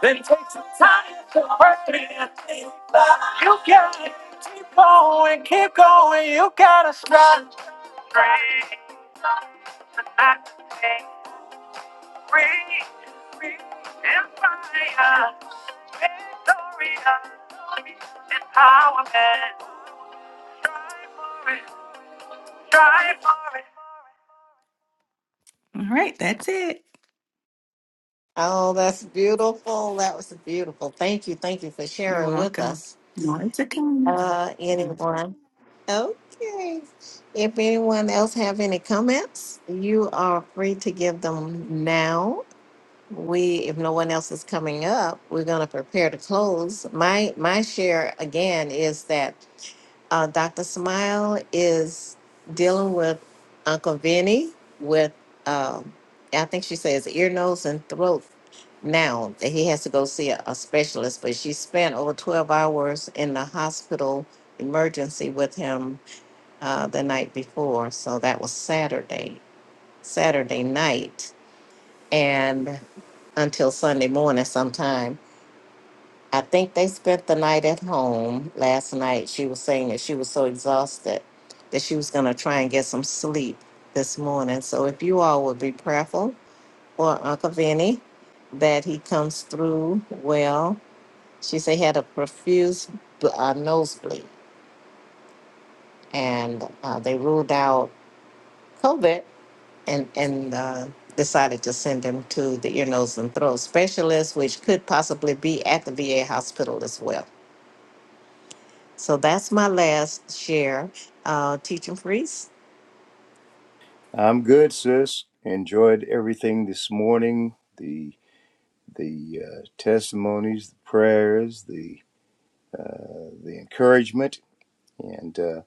Speaker 4: Then take some time to pray. You gotta keep going, keep going. You gotta start. Straight. Rain, wind, and fire, victory, empowerment. Strive for it, strive for it. All right, that's it.
Speaker 1: Oh, that's beautiful. That was beautiful. Thank you. Thank you for
Speaker 4: You're
Speaker 1: sharing with
Speaker 4: welcome.
Speaker 1: us.
Speaker 4: More to come.
Speaker 1: Uh, anyone? Okay. If anyone else have any comments, you are free to give them now. We, if no one else is coming up, we're going to prepare to close. My my share again is that Uh, Dr. Smile is dealing with Uncle Vinny with, um, I think she says ear, nose, and throat now that he has to go see a, a specialist, but she spent over 12 hours in the hospital emergency with him uh, the night before. So that was Saturday, Saturday night, and until Sunday morning sometime. I think they spent the night at home last night. She was saying that she was so exhausted that she was going to try and get some sleep this morning. So if you all would be prayerful for Uncle Vinny that he comes through well. She said he had a profuse bl- uh, nosebleed, and uh, they ruled out COVID and and uh, decided to send him to the ear, nose, and throat specialist, which could possibly be at the VA hospital as well. So that's my last share. Uh, teaching priest.
Speaker 5: I'm good, sis. Enjoyed everything this morning. The the uh, testimonies, the prayers, the uh, the encouragement, and uh,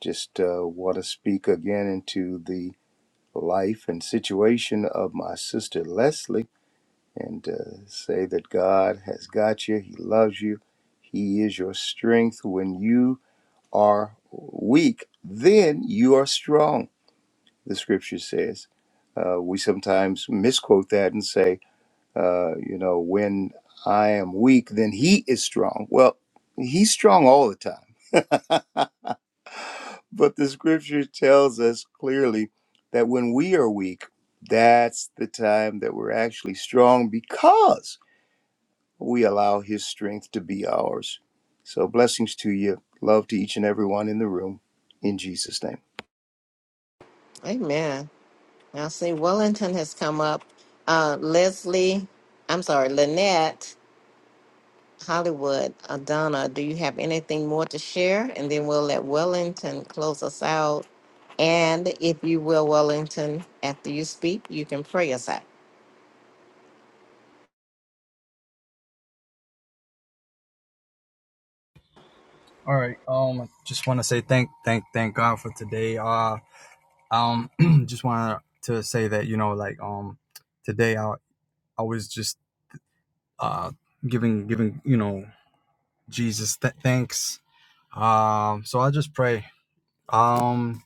Speaker 5: just uh, want to speak again into the life and situation of my sister Leslie and uh, say that God has got you, He loves you, He is your strength. When you are weak, then you are strong, the scripture says. Uh, we sometimes misquote that and say, uh, you know, when I am weak, then He is strong. Well, He's strong all the time But the scripture tells us clearly that when we are weak, that's the time that we're actually strong because we allow his strength to be ours. So blessings to you. Love to each and every one in the room. In Jesus' name.
Speaker 1: Amen. Now see, Wellington has come up. Uh, Leslie, I'm sorry, Lynette, Hollywood, Adana, do you have anything more to share? And then we'll let Wellington close us out. And if you will, Wellington, after you speak, you can pray us out.
Speaker 8: All right. Um, just want to say thank, thank, thank God for today. Uh, um, just wanted to say that you know, like, um, today I I was just uh giving giving you know Jesus th- thanks. Um, so I just pray. Um,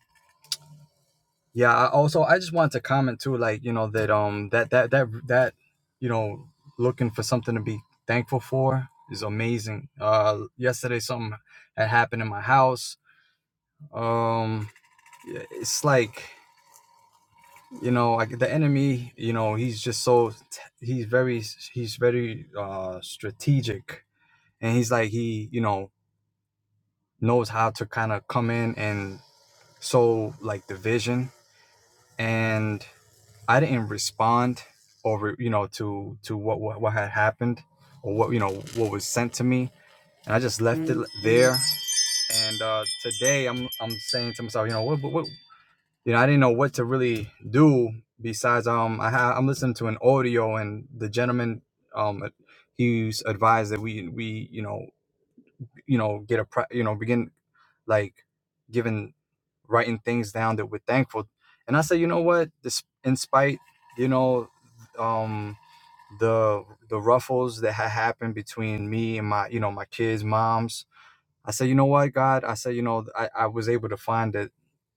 Speaker 8: yeah. I also, I just wanted to comment too, like you know that um that that that that you know looking for something to be thankful for is amazing. Uh, yesterday something had happened in my house. Um, it's like you know like the enemy you know he's just so t- he's very he's very uh strategic and he's like he you know knows how to kind of come in and sow like division and i didn't respond over you know to to what, what what had happened or what you know what was sent to me and i just left it there and uh today i'm i'm saying to myself you know what what, you know, I didn't know what to really do besides um I ha- I'm listening to an audio and the gentleman um he's advised that we we you know you know get a pre- you know begin like giving writing things down that we're thankful and I said you know what this in spite you know um the the ruffles that had happened between me and my you know my kids moms I said you know what God I said you know I, I was able to find it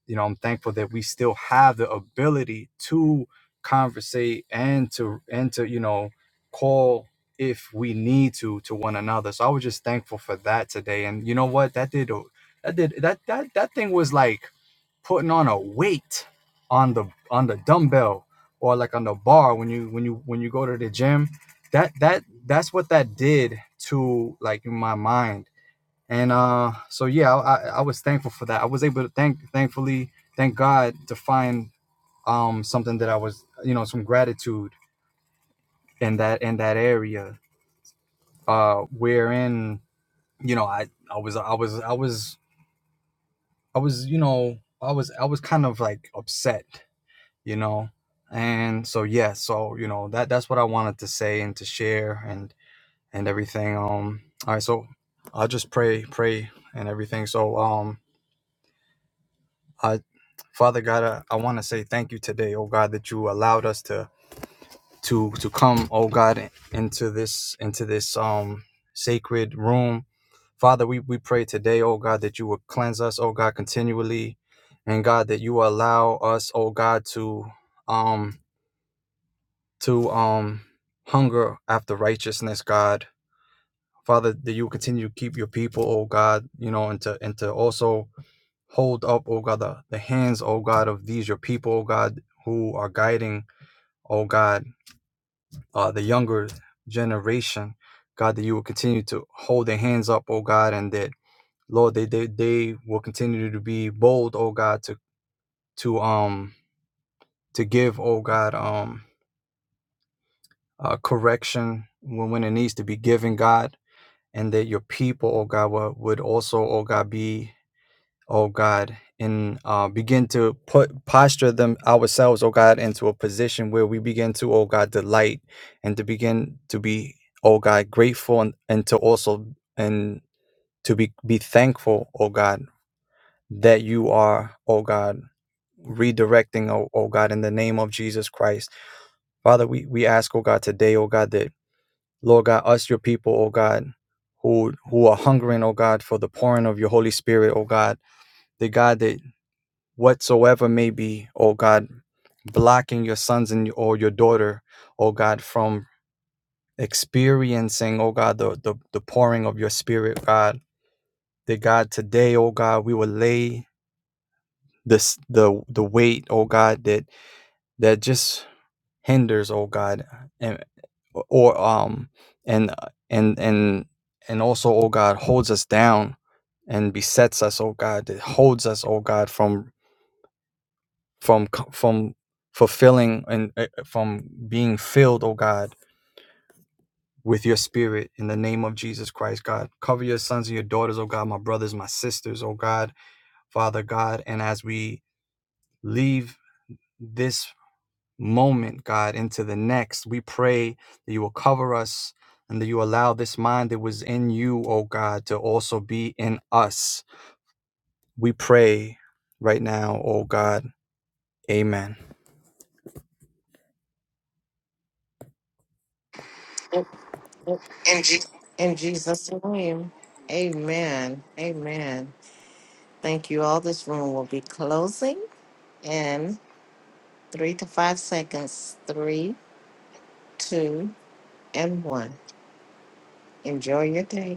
Speaker 8: you know i'm thankful that we still have the ability to conversate and to and to you know call if we need to to one another so i was just thankful for that today and you know what that did a- that did that that that thing was like putting on a weight on the on the dumbbell or like on the bar when you when you when you go to the gym that that that's what that did to like my mind and uh so yeah I, I was thankful for that i was able to thank thankfully thank god to find um something that i was you know some gratitude in that in that area uh wherein you know i i was i was i was i was you know i was i was kind of like upset you know and so yeah so you know that that's what i wanted to say and to share and and everything um all right so i'll just pray pray and everything so um I. Father God, I, I want to say thank you today, oh God, that you allowed us to to to come, oh God, into this into this um sacred room. Father, we, we pray today, oh God, that you will cleanse us, oh God, continually. And God, that you allow us, oh God, to um to um hunger after righteousness, God. Father, that you continue to keep your people, oh God, you know, and to and to also Hold up, O God, the, the hands, O God, of these your people, O God, who are guiding, O God, uh, the younger generation. God, that you will continue to hold their hands up, O God, and that Lord, they they, they will continue to be bold, O God, to to um to give, O God, um uh, correction when, when it needs to be given, God, and that your people, O God, would, would also, O God, be oh God, and uh, begin to put posture them ourselves, oh God, into a position where we begin to, oh God, delight and to begin to be, oh God, grateful and, and to also and to be be thankful, oh God, that you are, oh God, redirecting, oh, oh God, in the name of Jesus Christ. Father, we, we ask, oh God, today, oh God, that Lord God, us your people, oh God, who who are hungering, oh God, for the pouring of your Holy Spirit, oh God, the God that whatsoever may be, oh God, blocking your sons and or your daughter, oh God, from experiencing, oh God, the, the, the pouring of your spirit, God. That God, today, oh God, we will lay this the the weight, oh God, that that just hinders, oh God, and or um and and and and also, oh God, holds us down and besets us, oh God, that holds us, oh God, from from from fulfilling and uh, from being filled, oh God, with your spirit in the name of Jesus Christ, God. Cover your sons and your daughters, oh God, my brothers, my sisters, oh God, Father God. And as we leave this moment, God, into the next, we pray that you will cover us and that you allow this mind that was in you, oh God, to also be in us. We pray right now, oh God. Amen. In Jesus'
Speaker 1: In Jesus' name, amen. Amen. Thank you all. This room will be closing. in Three to five seconds. Three, two, and one. Enjoy your day.